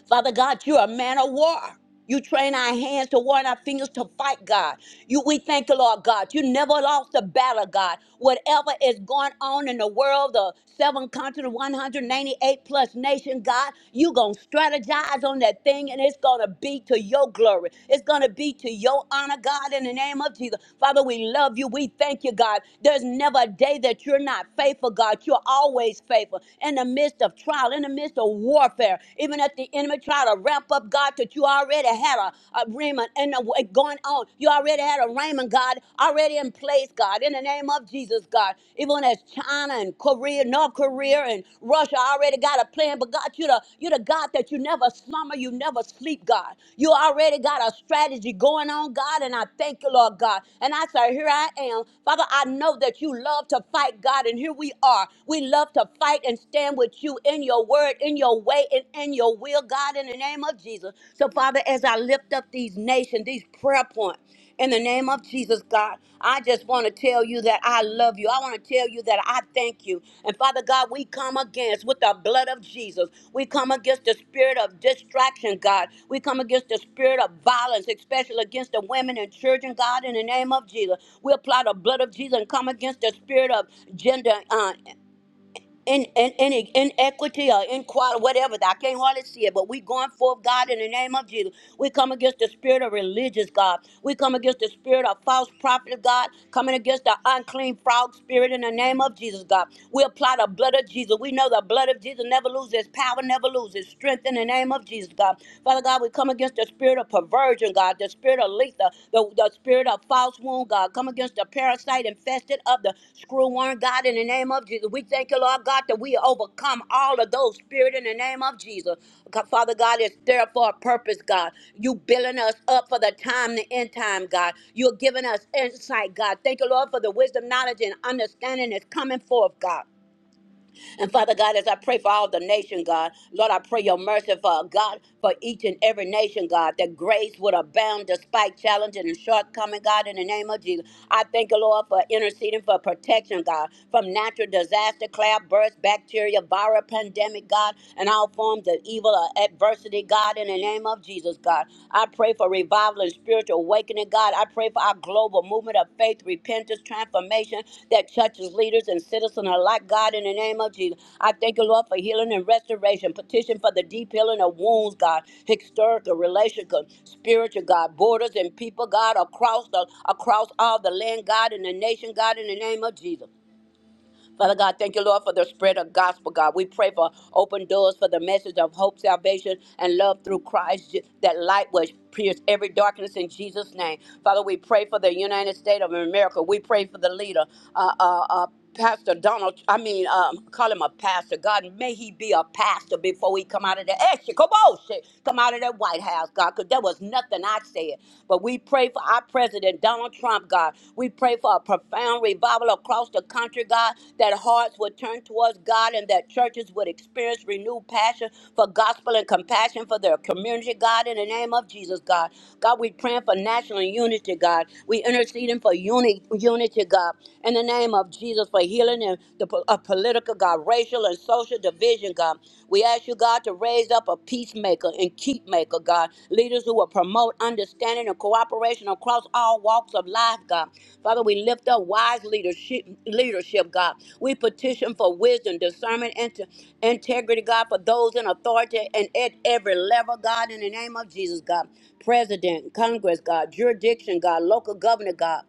Father God, you're a man of war. You train our hands to war and our fingers to fight, God. You, we thank you, Lord God. You never lost a battle, God. Whatever is going on in the world, the seven continents, 198 plus nation, God, you going to strategize on that thing and it's going to be to your glory. It's going to be to your honor, God, in the name of Jesus. Father, we love you. We thank you, God. There's never a day that you're not faithful, God. You're always faithful in the midst of trial, in the midst of spiritual warfare. Even if the enemy try to ramp up, God, that you already had a, a Raymond and a, way going on. You already had a Raymond, God, already in place, God, in the name of Jesus, God. Even as China and Korea, North Korea and Russia already got a plan, but God, you're the, you're the God that you never slumber, you never sleep, God. You already got a strategy going on, God, and I thank you, Lord God. And I say, here I am. Father, I know that you love to fight, God, and here we are. We love to fight and stand stand with you in your word, in your way, and in your will, God, in the name of Jesus. So, Father, as I lift up these nations, these prayer points, in the name of Jesus, God, I just want to tell you that I love you. I want to tell you that I thank you. And Father God, we come against with the blood of Jesus. We come against the spirit of distraction, God. We come against the spirit of violence, especially against the women and children, God, in the name of Jesus. We apply the blood of Jesus and come against the spirit of gender. uh, in, in, in, inequity or inequality, whatever. I can't hardly see it, but we going forth, God, in the name of Jesus. We come against the spirit of religious, God. We come against the spirit of false prophet, God. Coming against the unclean frog spirit in the name of Jesus, God. We apply the blood of Jesus. We know the blood of Jesus never loses its power, never loses its strength in the name of Jesus, God. Father God, we come against the spirit of perversion, God. God, the spirit of Letha, the, the spirit of false wound, God. Come against the parasite infested of the screw worm, God, in the name of Jesus. We thank you, Lord God, that we overcome all of those spirit in the name of Jesus. God, Father God, it's there for a purpose, God. You building us up for the time, the end time, God. You're giving us insight, God. Thank you, Lord, for the wisdom, knowledge, and understanding that's coming forth, God. And Father God, as I pray for all the nation, God, Lord, I pray your mercy for God, for each and every nation, God, that grace would abound despite challenge and shortcoming, God, in the name of Jesus. I thank you, Lord, for interceding for protection, God, from natural disaster, cloud burst, bacteria, viral pandemic, God, and all forms of evil or adversity, God, in the name of Jesus, God. I. I pray for revival and spiritual awakening, God. I pray for our global movement of faith, repentance, transformation that touches leaders and citizens alike, God, in the name of Jesus. I thank you, Lord, for healing and restoration. Petition for the deep healing of wounds, God, historical, relational, spiritual, God, borders and people, God, across the across all the land, God, in the nation, God, in the name of Jesus. Father God, thank you, Lord, for the spread of gospel, God. We pray for open doors for the message of hope, salvation, and love through Christ, Je- that light which pierce every darkness in Jesus' name. Father, we pray for the United States of America. We pray for the leader, uh, uh, uh, Pastor Donald, I mean, um, call him a pastor. God, may he be a pastor before he come out of the extra. Come on, Come out of that White House, God, because there was nothing I said. But we pray for our president, Donald Trump, God. We pray for a profound revival across the country, God, that hearts would turn towards God and that churches would experience renewed passion for gospel and compassion for their community, God, in the name of Jesus, God. God, we praying for national unity, God. We interceding for uni- unity, God, in the name of Jesus, for healing and the po- uh, political, God, racial and social division provision, God. We ask you, God, to raise up a peacemaker and keep maker, God. Leaders who will promote understanding and cooperation across all walks of life, God. Father, we lift up wise leadership, leadership, God. We petition for wisdom, discernment, and to- integrity, God, for those in authority and at every level, God, in the name of Jesus, God. President, Congress, God, jurisdiction, God, local governor, God.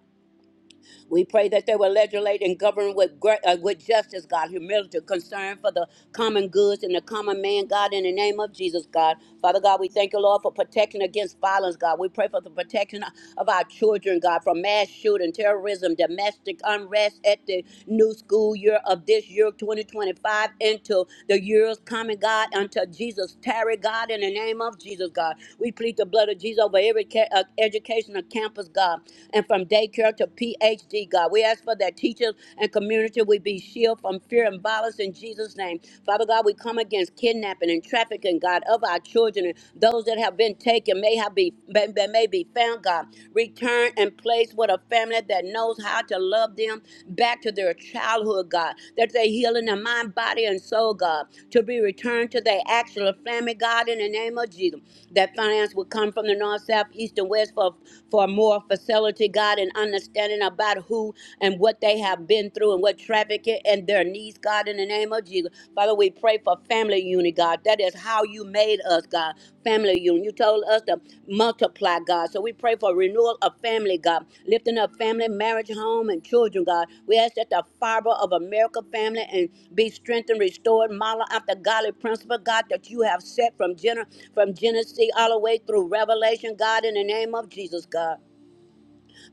We pray that they will legislate and govern with great, uh, with justice, God, humility, concern for the common goods and the common man, God, in the name of Jesus, God. Father God, we thank you, Lord, for protection against violence, God. We pray for the protection of our children, God, from mass shooting, terrorism, domestic unrest at the new school year of this year, 2025, into the years coming, God, unto Jesus. Tarry, God, in the name of Jesus, God. We plead the blood of Jesus over every ca- uh, educational campus, God, and from daycare Sarah to PhD, God. We ask for that teachers and community would be shielded from fear and violence in Jesus' name. Father God, we come against kidnapping and trafficking, God, of our children and those that have been taken may have be may, may be found, God. Return and place with a family that knows how to love them back to their childhood, God. That they heal in their mind, body, and soul, God, to be returned to their actual family, God, in the name of Jesus. That finance will come from the north, south, east, and west for for more facilities to God and understanding about who and what they have been through and what trafficking and their needs, God, in the name of Jesus. Father, we pray for family unity, God. That is how you made us, God. Family unity. You told us to multiply, God. So we pray for renewal of family, God. Lifting up family, marriage, home, and children, God. We ask that the fiber of America family and be strengthened, restored, model after godly principle, God, that you have set from, gener- from Genesis all the way through Revelation, God, in the name of Jesus, God.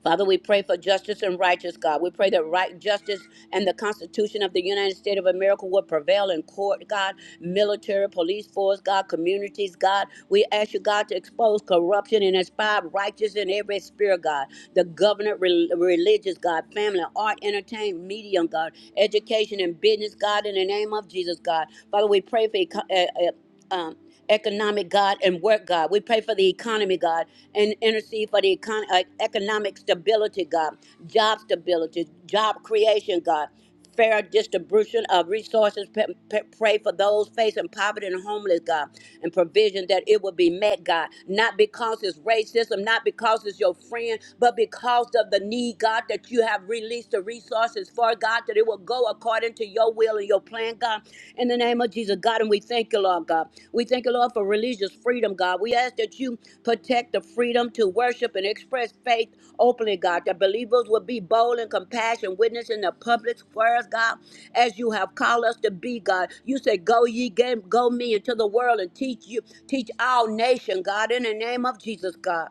Father, we pray for justice and righteous God. We pray that right justice and the Constitution of the United States of America will prevail in court, God, military, police force, God, communities, God. We ask you, God, to expose corruption and inspire righteousness in every sphere, God. The government, rel- religious, God, family, art, entertainment, medium, God, education and business, God, in the name of Jesus, God. Father, we pray for eco- uh, uh, um, economic God and work God. We pray for the economy, God, and intercede for the econ- uh, economic stability, God, job stability, job creation, God. Fair distribution of resources. P- p- pray for those facing poverty and homeless, God, and provision that it will be met, God. Not because it's racism, not because it's your friend, but because of the need, God, that you have released the resources for, God. God, that it will go according to your will and your plan, God. In the name of Jesus, God, and we thank you, Lord God. We thank you, Lord, for religious freedom, God. We ask that you protect the freedom to worship and express faith openly, God, that believers will be bold and compassionate, witnessing the public squares, God, as you have called us to be, God. You said, Go ye, go me into the world and teach you, teach our nation, God, in the name of Jesus, God.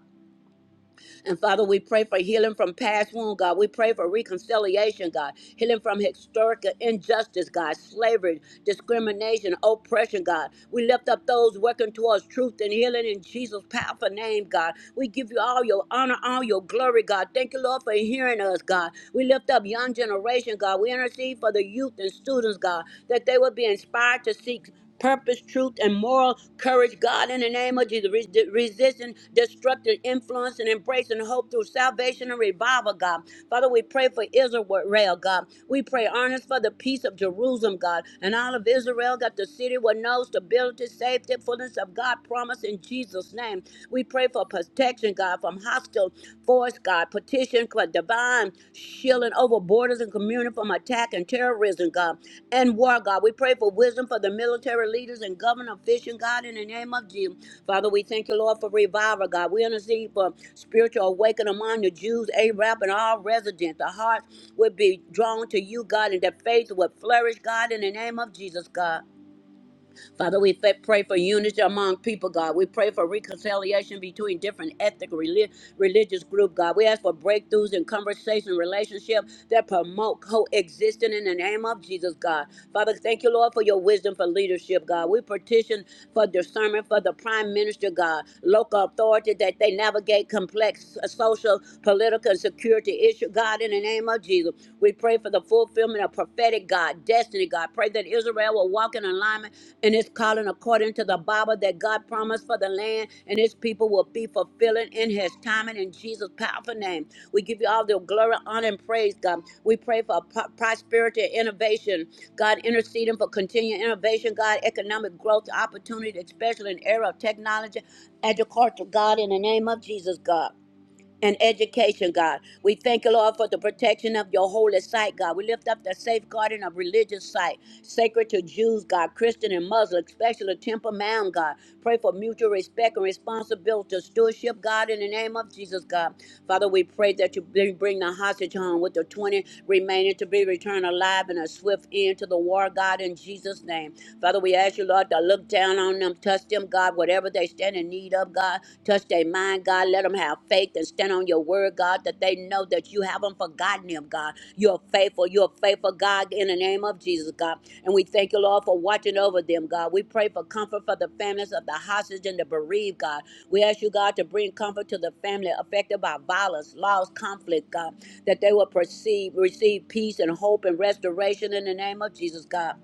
And Father, we pray for healing from past wound, God. We pray for reconciliation, God. Healing from historical injustice, God. Slavery, discrimination, oppression, God. We lift up those working towards truth and healing in Jesus' powerful name, God. We give you all your honor, all your glory, God. Thank you, Lord, for hearing us, God. We lift up young generation, God. We intercede for the youth and students, God, that they would be inspired to seek purpose, truth, and moral courage. God, in the name of Jesus, res- resisting destructive influence and embracing hope through salvation and revival, God. Father, we pray for Israel, God. We pray earnest for the peace of Jerusalem, God, and all of Israel, that the city will know stability, safety, fullness of God promise in Jesus' name. We pray for protection, God, from hostile force, God. God. Petition for divine shielding over borders and community from attack and terrorism, God, and war, God. We pray for wisdom for the military leaders and government officials, God, in the name of Jesus. Father, we thank you, Lord, for revival, God. We intercede for spiritual awakening among the Jews, Arab, and all residents. The hearts would be drawn to you, God, and their faith would flourish, God, in the name of Jesus, God. Father, we fa- pray for unity among people, God. We pray for reconciliation between different ethnic, reli- religious group, God. We ask for breakthroughs in conversation, relationship that promote coexistence in the name of Jesus, God. Father, thank you, Lord, for your wisdom for leadership, God. We petition for discernment for the prime minister, God, local authority that they navigate complex uh, social, political, and security issue, God, in the name of Jesus. We pray for the the fulfillment of prophetic God, destiny God. Pray that Israel will walk in alignment in His calling according to the Bible that God promised for the land and his people will be fulfilling in his timing in Jesus' powerful name. We give you all the glory, honor, and praise, God. We pray for pro- prosperity and innovation. God, interceding for continued innovation, God, economic growth, opportunity, especially in the era of technology, agriculture, God, in the name of Jesus, God and education, God. We thank you, Lord, for the protection of your holy site, God. We lift up the safeguarding of religious site, sacred to Jews, God, Christian and Muslim, especially Temple Mound, God. Pray for mutual respect and responsibility, stewardship, God, in the name of Jesus, God. Father, we pray that you bring bring the hostage home with the 20 remaining to be returned alive and a swift end to the war, God, in Jesus' name. Father, we ask you, Lord, to look down on them, touch them, God, God, whatever they stand in need of, God. Touch their mind, God. Let them have faith and stand on your word, God, that they know that you haven't forgotten them, God. You're faithful. You're faithful, God, in the name of Jesus, God. And we thank you, Lord, for watching over them, God. We pray for comfort for the families of the hostage and the bereaved, God. We ask you, God, to bring comfort to the family affected by violence, loss, conflict, God, that they will perceive, receive peace and hope and restoration in the name of Jesus, God.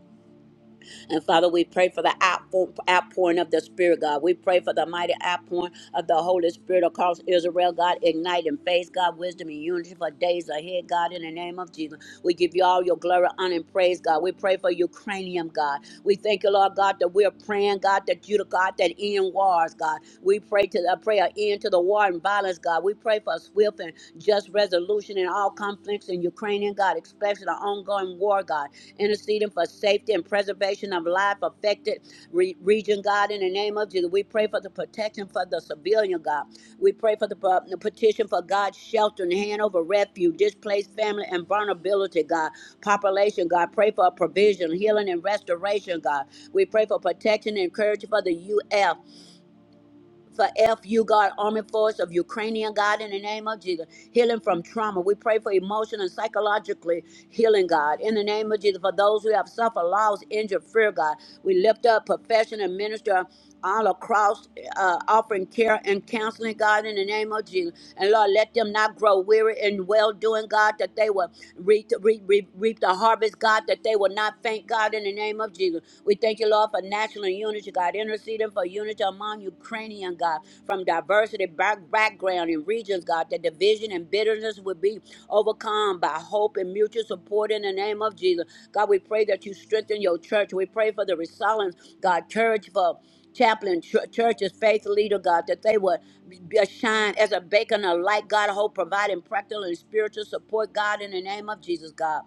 And Father, we pray for the outpour- outpouring of the Spirit, God. We pray for the mighty outpouring of the Holy Spirit across Israel, God. Ignite in faith, God, wisdom and unity for days ahead, God, in the name of Jesus. We give you all your glory, honor, and praise, God. We pray for Ukrainian, God. We thank you, Lord God, that we're praying, God, that you, God, that end wars, God. We pray to the pray an end to the war and violence, God. We pray for a swift and just resolution in all conflicts in Ukrainian, God, especially the ongoing war, God interceding for safety and preservation of life affected re- region, God. In the name of Jesus, we pray for the protection for the civilian, God. We pray for the, uh, the petition for God's shelter and hand over refuge, displaced family and vulnerability, God. Population, God. Pray for provision, healing, and restoration, God. We pray for protection and encouragement for the UF for FU, God, Army Force of Ukrainian, God, in the name of Jesus. Healing from trauma. We pray for emotional and psychologically healing, God. In the name of Jesus, for those who have suffered loss, injured, fear, God. We lift up profession and minister all across, uh, offering care and counseling, God, in the name of Jesus. And Lord, let them not grow weary in well doing, God, that they will reap, reap, reap, reap the harvest, God, that they will not faint, God, in the name of Jesus. We thank thank you, Lord, for national unity, God, interceding for unity among Ukrainian, God, from diversity, back, background, and regions, God, that division and bitterness would be overcome by hope and mutual support in the name of Jesus. God, we pray that you strengthen your church. We pray for the resilience, God, church for chaplain, ch- churches, faith leader, God, that they would be- shine as a beacon of light, God, hope, providing practical and spiritual support, God, in the name of Jesus, God.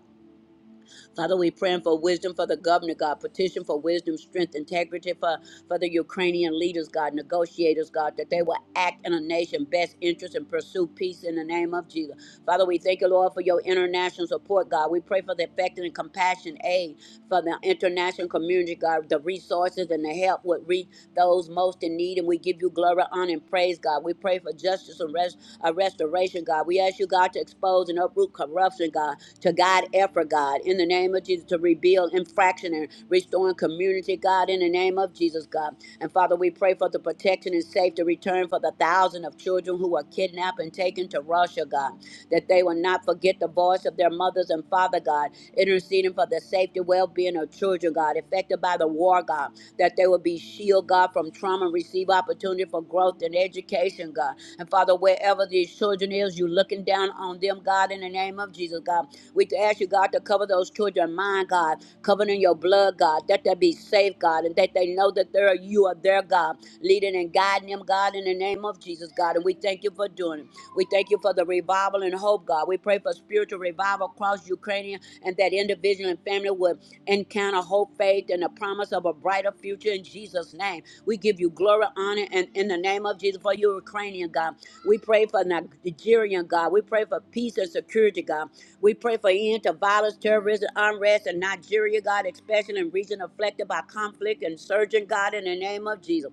Father, we praying for wisdom for the governor, God. Petition for wisdom, strength, integrity for, for the Ukrainian leaders, God, negotiators, God, that they will act in a nation best interest and pursue peace in the name of Jesus. Father, we thank you, Lord, for your international support, God. We pray for the effective and compassion aid for the international community, God, the resources and the help would reach those most most in need, and we give you glory, honor, and praise, God. We pray for justice and rest, uh, restoration, God. We ask you, God, to expose and uproot corruption, God, to guide effort, God, in the name of Jesus, to rebuild infraction and restoring community, God, in the name of Jesus, God. And Father, we pray for the protection and safety return for the thousand of children who were kidnapped and taken to Russia, God, that they will not forget the voice of their mothers and father, God, interceding for the safety, well being of children, God, affected by the war, God that they will be shield, God, from trauma and receive opportunity for growth and education, God. And Father, wherever these children is, you looking down on them, God, in the name of Jesus, God. We ask you, God, to cover those children, mind, God, covered in your blood, God, that they be safe, God, and that they know that they're, you are their God, leading and guiding them, God, in the name of Jesus, God. And we thank you for doing it. We thank you for the revival and hope, God. We pray for spiritual revival across Ukraine and that individual and family would encounter, hope, faith, and the promise of a brighter future in Jesus' name. We give you glory, honor, and in the name of Jesus for you, Ukrainian God. We pray for Nigerian God. We pray for peace and security, God. We pray for end to violence, terrorism, unrest in Nigeria, God, especially in region affected by conflict and surging, God, in the name of Jesus.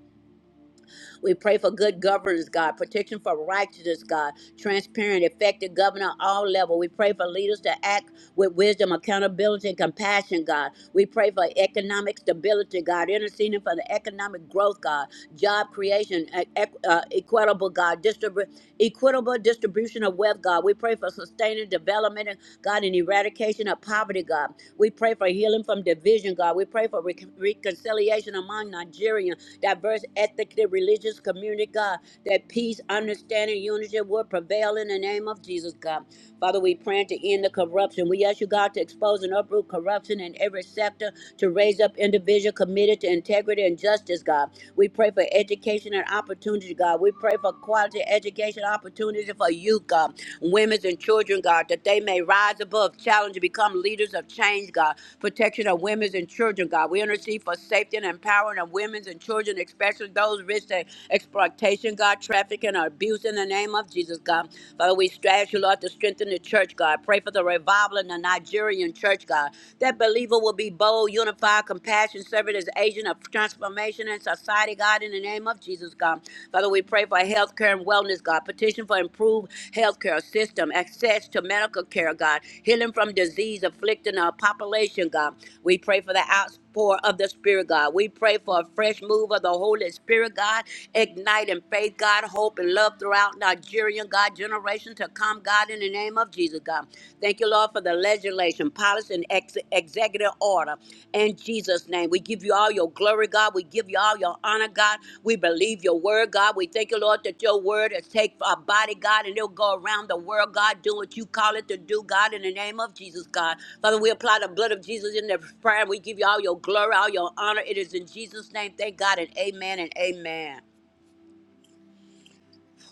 We pray for good governance, God, protection for righteousness, God, transparent, effective governor, all level. We pray for leaders to act with wisdom, accountability, and compassion, God. We pray for economic stability, God, interceding for the economic growth, God, job creation, e- equ- uh, equitable, God, distribu- equitable distribution of wealth, God. We pray for sustaining development, and God, and eradication of poverty, God. We pray for healing from division, God. We pray for rec- reconciliation among Nigerian, diverse ethnically, religious religious community, God, that peace, understanding, unity will prevail in the name of Jesus, God. Father, we pray to end the corruption. We ask you, God, to expose and uproot corruption in every sector, to raise up individuals committed to integrity and justice, God. We pray for education and opportunity, God. We pray for quality education opportunity for youth, God, women and children, God, that they may rise above challenge and become leaders of change, God. Protection of women and children, God. We intercede for safety and empowering of women and children, especially those rich that exploitation, God, trafficking, or abuse in the name of Jesus, God. Father, we strategize you, Lord, to strengthen the church, God. Pray for the revival in the Nigerian church, God. That believer will be bold, unified, compassion, servant as agent of transformation in society, God, in the name of Jesus, God. Father, we pray for health care and wellness, God. Petition for improved health care system, access to medical care, God. Healing from disease afflicting our population, God. We pray for the out pour of the Spirit, God. We pray for a fresh move of the Holy Spirit, God, igniting faith, God, hope, and love throughout Nigerian, God, generation to come, God, in the name of Jesus, God. Thank you, Lord, for the legislation, policy, and ex- executive order. In Jesus' name, we give you all your glory, God. We give y'all your honor, God. We believe your word, God. We thank you, Lord, that your word is take our body, God, and it'll go around the world, God. Do what you call it to do, God, in the name of Jesus, God. Father, we apply the blood of Jesus in the prayer. We give you all your glory, all your honor. It is in Jesus' name. Thank God and amen and amen.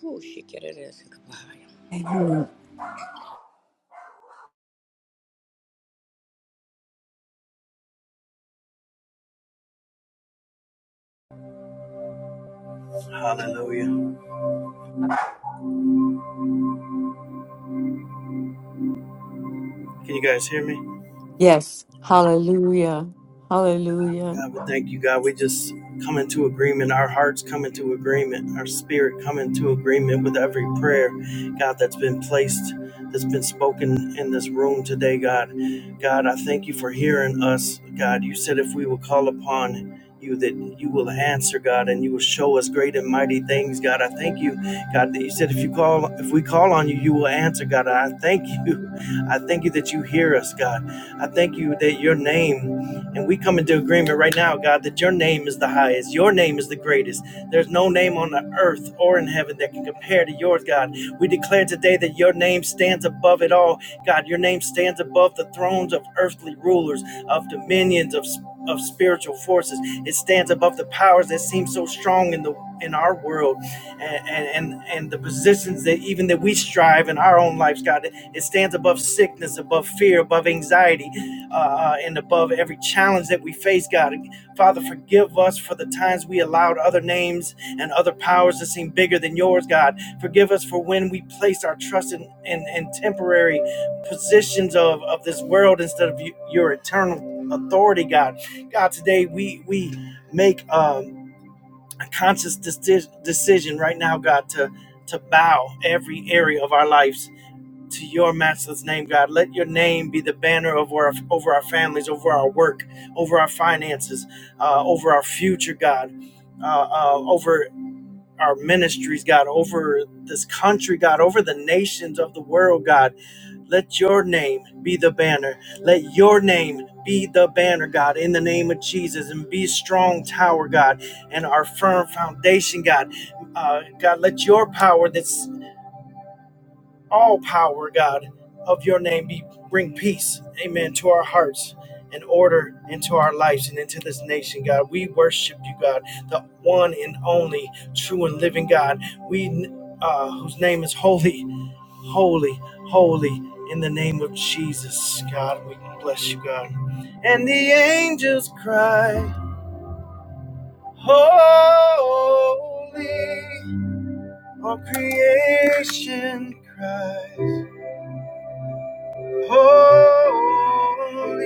Whew, she get it is. Goodbye.
Amen.
Hallelujah. Can you guys hear me?
Yes. Hallelujah. Hallelujah.
God, we thank you, God. We just come into agreement. Our hearts come into agreement. Our spirit come into agreement with every prayer, God, that's been placed, that's been spoken in this room today, God. God, I thank you for hearing us, God. You said if we will call upon you that you will answer God and you will show us great and mighty things God I thank you God that you said if you call if we call on you you will answer God I thank you I thank you that you hear us God I thank you that your name and we come into agreement right now, God, that your name is the highest, your name is the greatest. There's no name on the earth or in heaven that can compare to yours, God. We declare today that your name stands above it all. God, your name stands above the thrones of earthly rulers, of dominions, of of spiritual forces. It stands above the powers that seem so strong in the in our world and and and, the positions that even that we strive in our own lives, God. It stands above sickness, above fear, above anxiety, uh, and above every challenge that we face, God. Father, forgive us for the times we allowed other names and other powers to seem bigger than yours, God. Forgive us for when we placed our trust in, in, in temporary positions of, of this world instead of your eternal authority, God. God, today we, we make um, a conscious deci- decision right now, God, to, to bow every area of our lives to your matchless name, God. Let your name be the banner of our, over our families, over our work, over our finances, uh, over our future, God, uh, uh, over our ministries, God, over this country, God, over the nations of the world, God. Let your name be the banner. Let your name be the banner, God, in the name of Jesus, and be strong tower, God, and our firm foundation, God. Uh, God, let your power that's all power, God, of your name be bring peace, amen, to our hearts and order into our lives and into this nation, God. We worship you, God, the one and only true and living God. We uh, whose name is holy, holy, holy in the name of Jesus, God. We bless you, God. And the angels cry, Holy, all creation cries. Holy,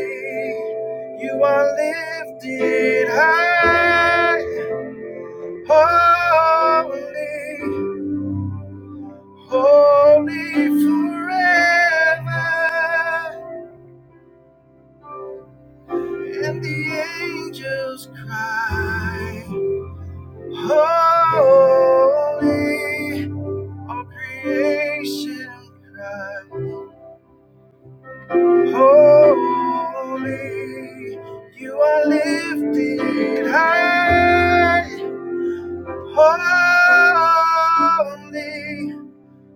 you are lifted high. Holy, holy forever. And the angels cry. Holy, all creation cries. Holy, you are lifted high. Holy,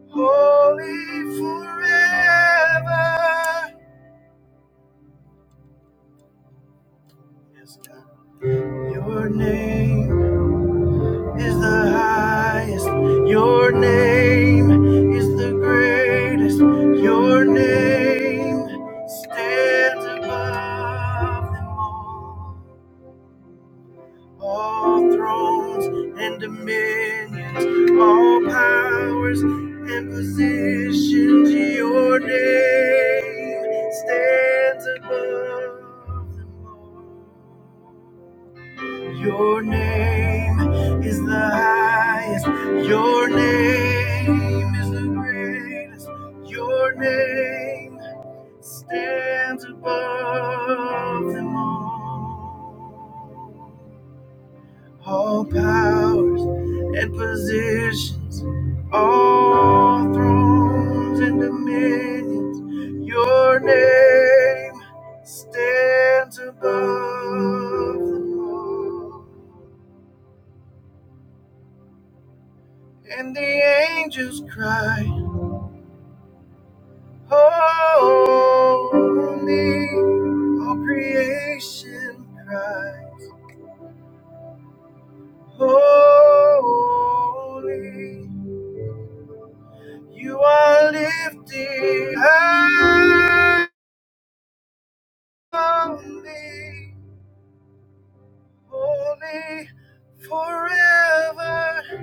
holy forever. Yes, God. Your name is the highest. Your name is the greatest. Your name stands above them all. all thrones and dominions, all powers and positions. Your name stands above them all. Your name is the highest. Your name is the greatest. Your name stands above them all. All powers and positions, all thrones and dominions, your name stands above them all. And the angels cry, Holy, all creation cry, Holy, you are lifted high. only, holy, forever.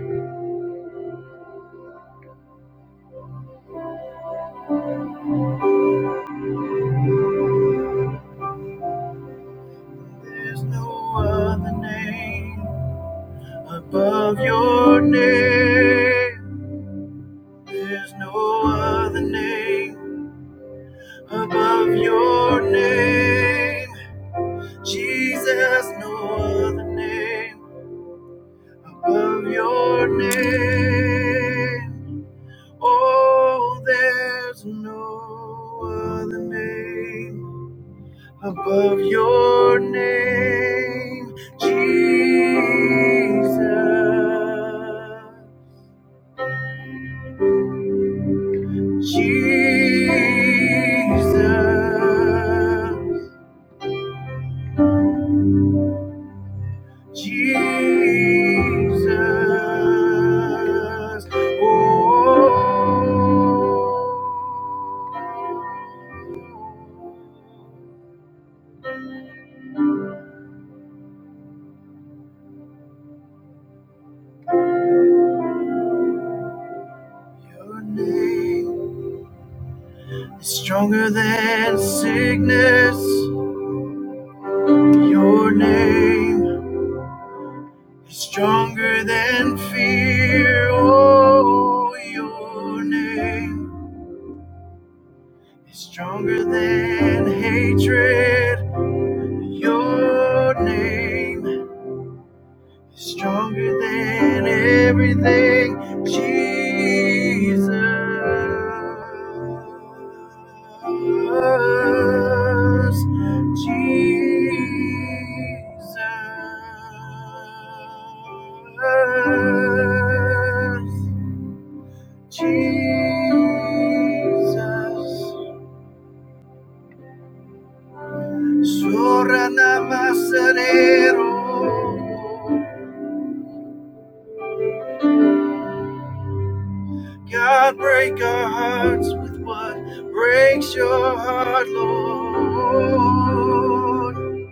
There's no other name above your name. There's no other name above your name. Jesus, no other name above your name. Oh, there's no other name. above your name, Jesus, Jesus, Jesus. Oh, your name is stronger than sickness. Your name Stronger than fear, oh, your name is stronger than hatred. Your name is stronger than everything, Jesus. Jesus. Jesus, Sorana Masarero. God, break our hearts with what breaks your heart, Lord.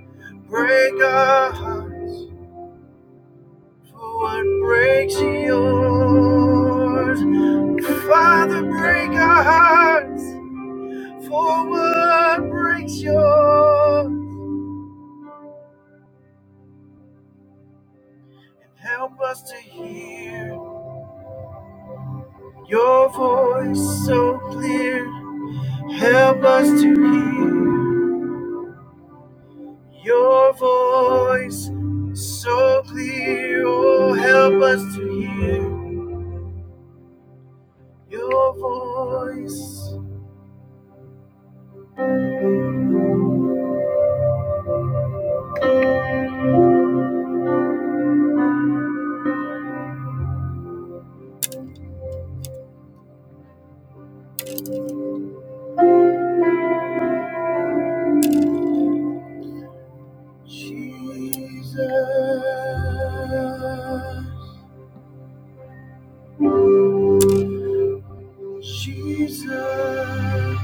Break our hearts for what breaks yours. Father, break our hearts for what breaks yours. Help us to hear. Your voice so clear, help us to hear. Your voice so clear, oh, help us to hear. Your voice, Jesus, Jesus.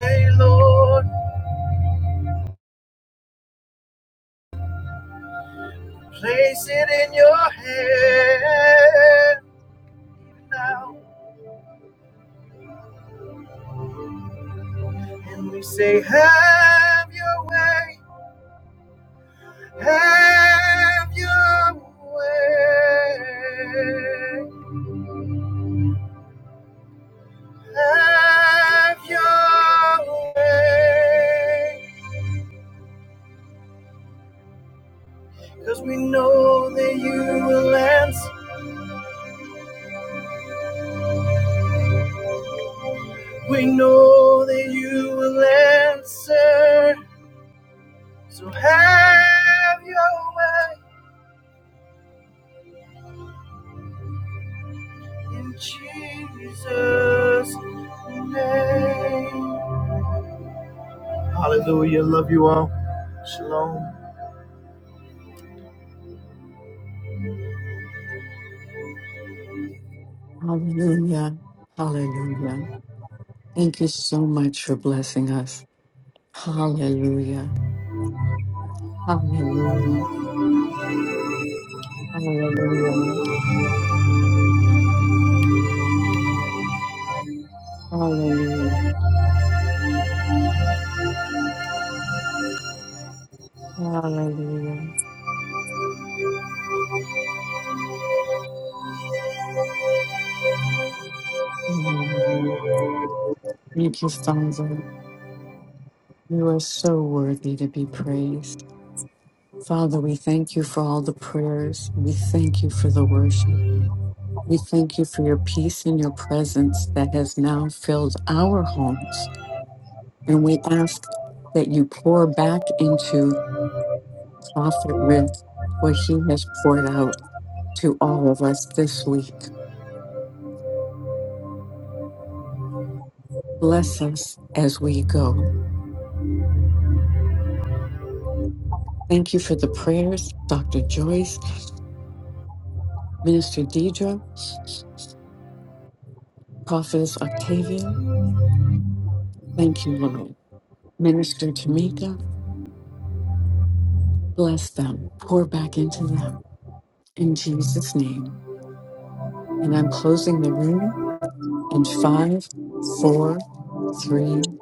Hey, Lord, place it in your hand now. And we say, Have your way. Have your way. Have your way. Cause we know that you will answer. We know that you will answer. So have your way in Jesus' name. Hallelujah. Love you all. Shalom.
Hallelujah. Hallelujah. Thank you so much for blessing us. Hallelujah. Hallelujah. Hallelujah. Hallelujah. Hallelujah. Hallelujah. Thank you, Father. You are so worthy to be praised. Father, we thank you for all the prayers. We thank you for the worship. We thank you for your peace and your presence that has now filled our homes. And we ask that you pour back into Prophet Rick what he has poured out to all of us this week. Bless us as we go. Thank you for the prayers, Dr. Joyce, Minister Deidre, Prophetess Octavia. Thank you, Lord. Minister Tamika, bless them. Pour back into them. In Jesus' name. And I'm closing the room And five, four, three,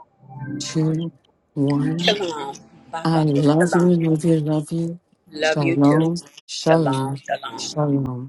two, one.
Shalom. Bye
I
bye.
love you,
Shalom.
love you, love you.
Love you too.
Shalom,
Shalom.
shalom,
Shalom.
shalom.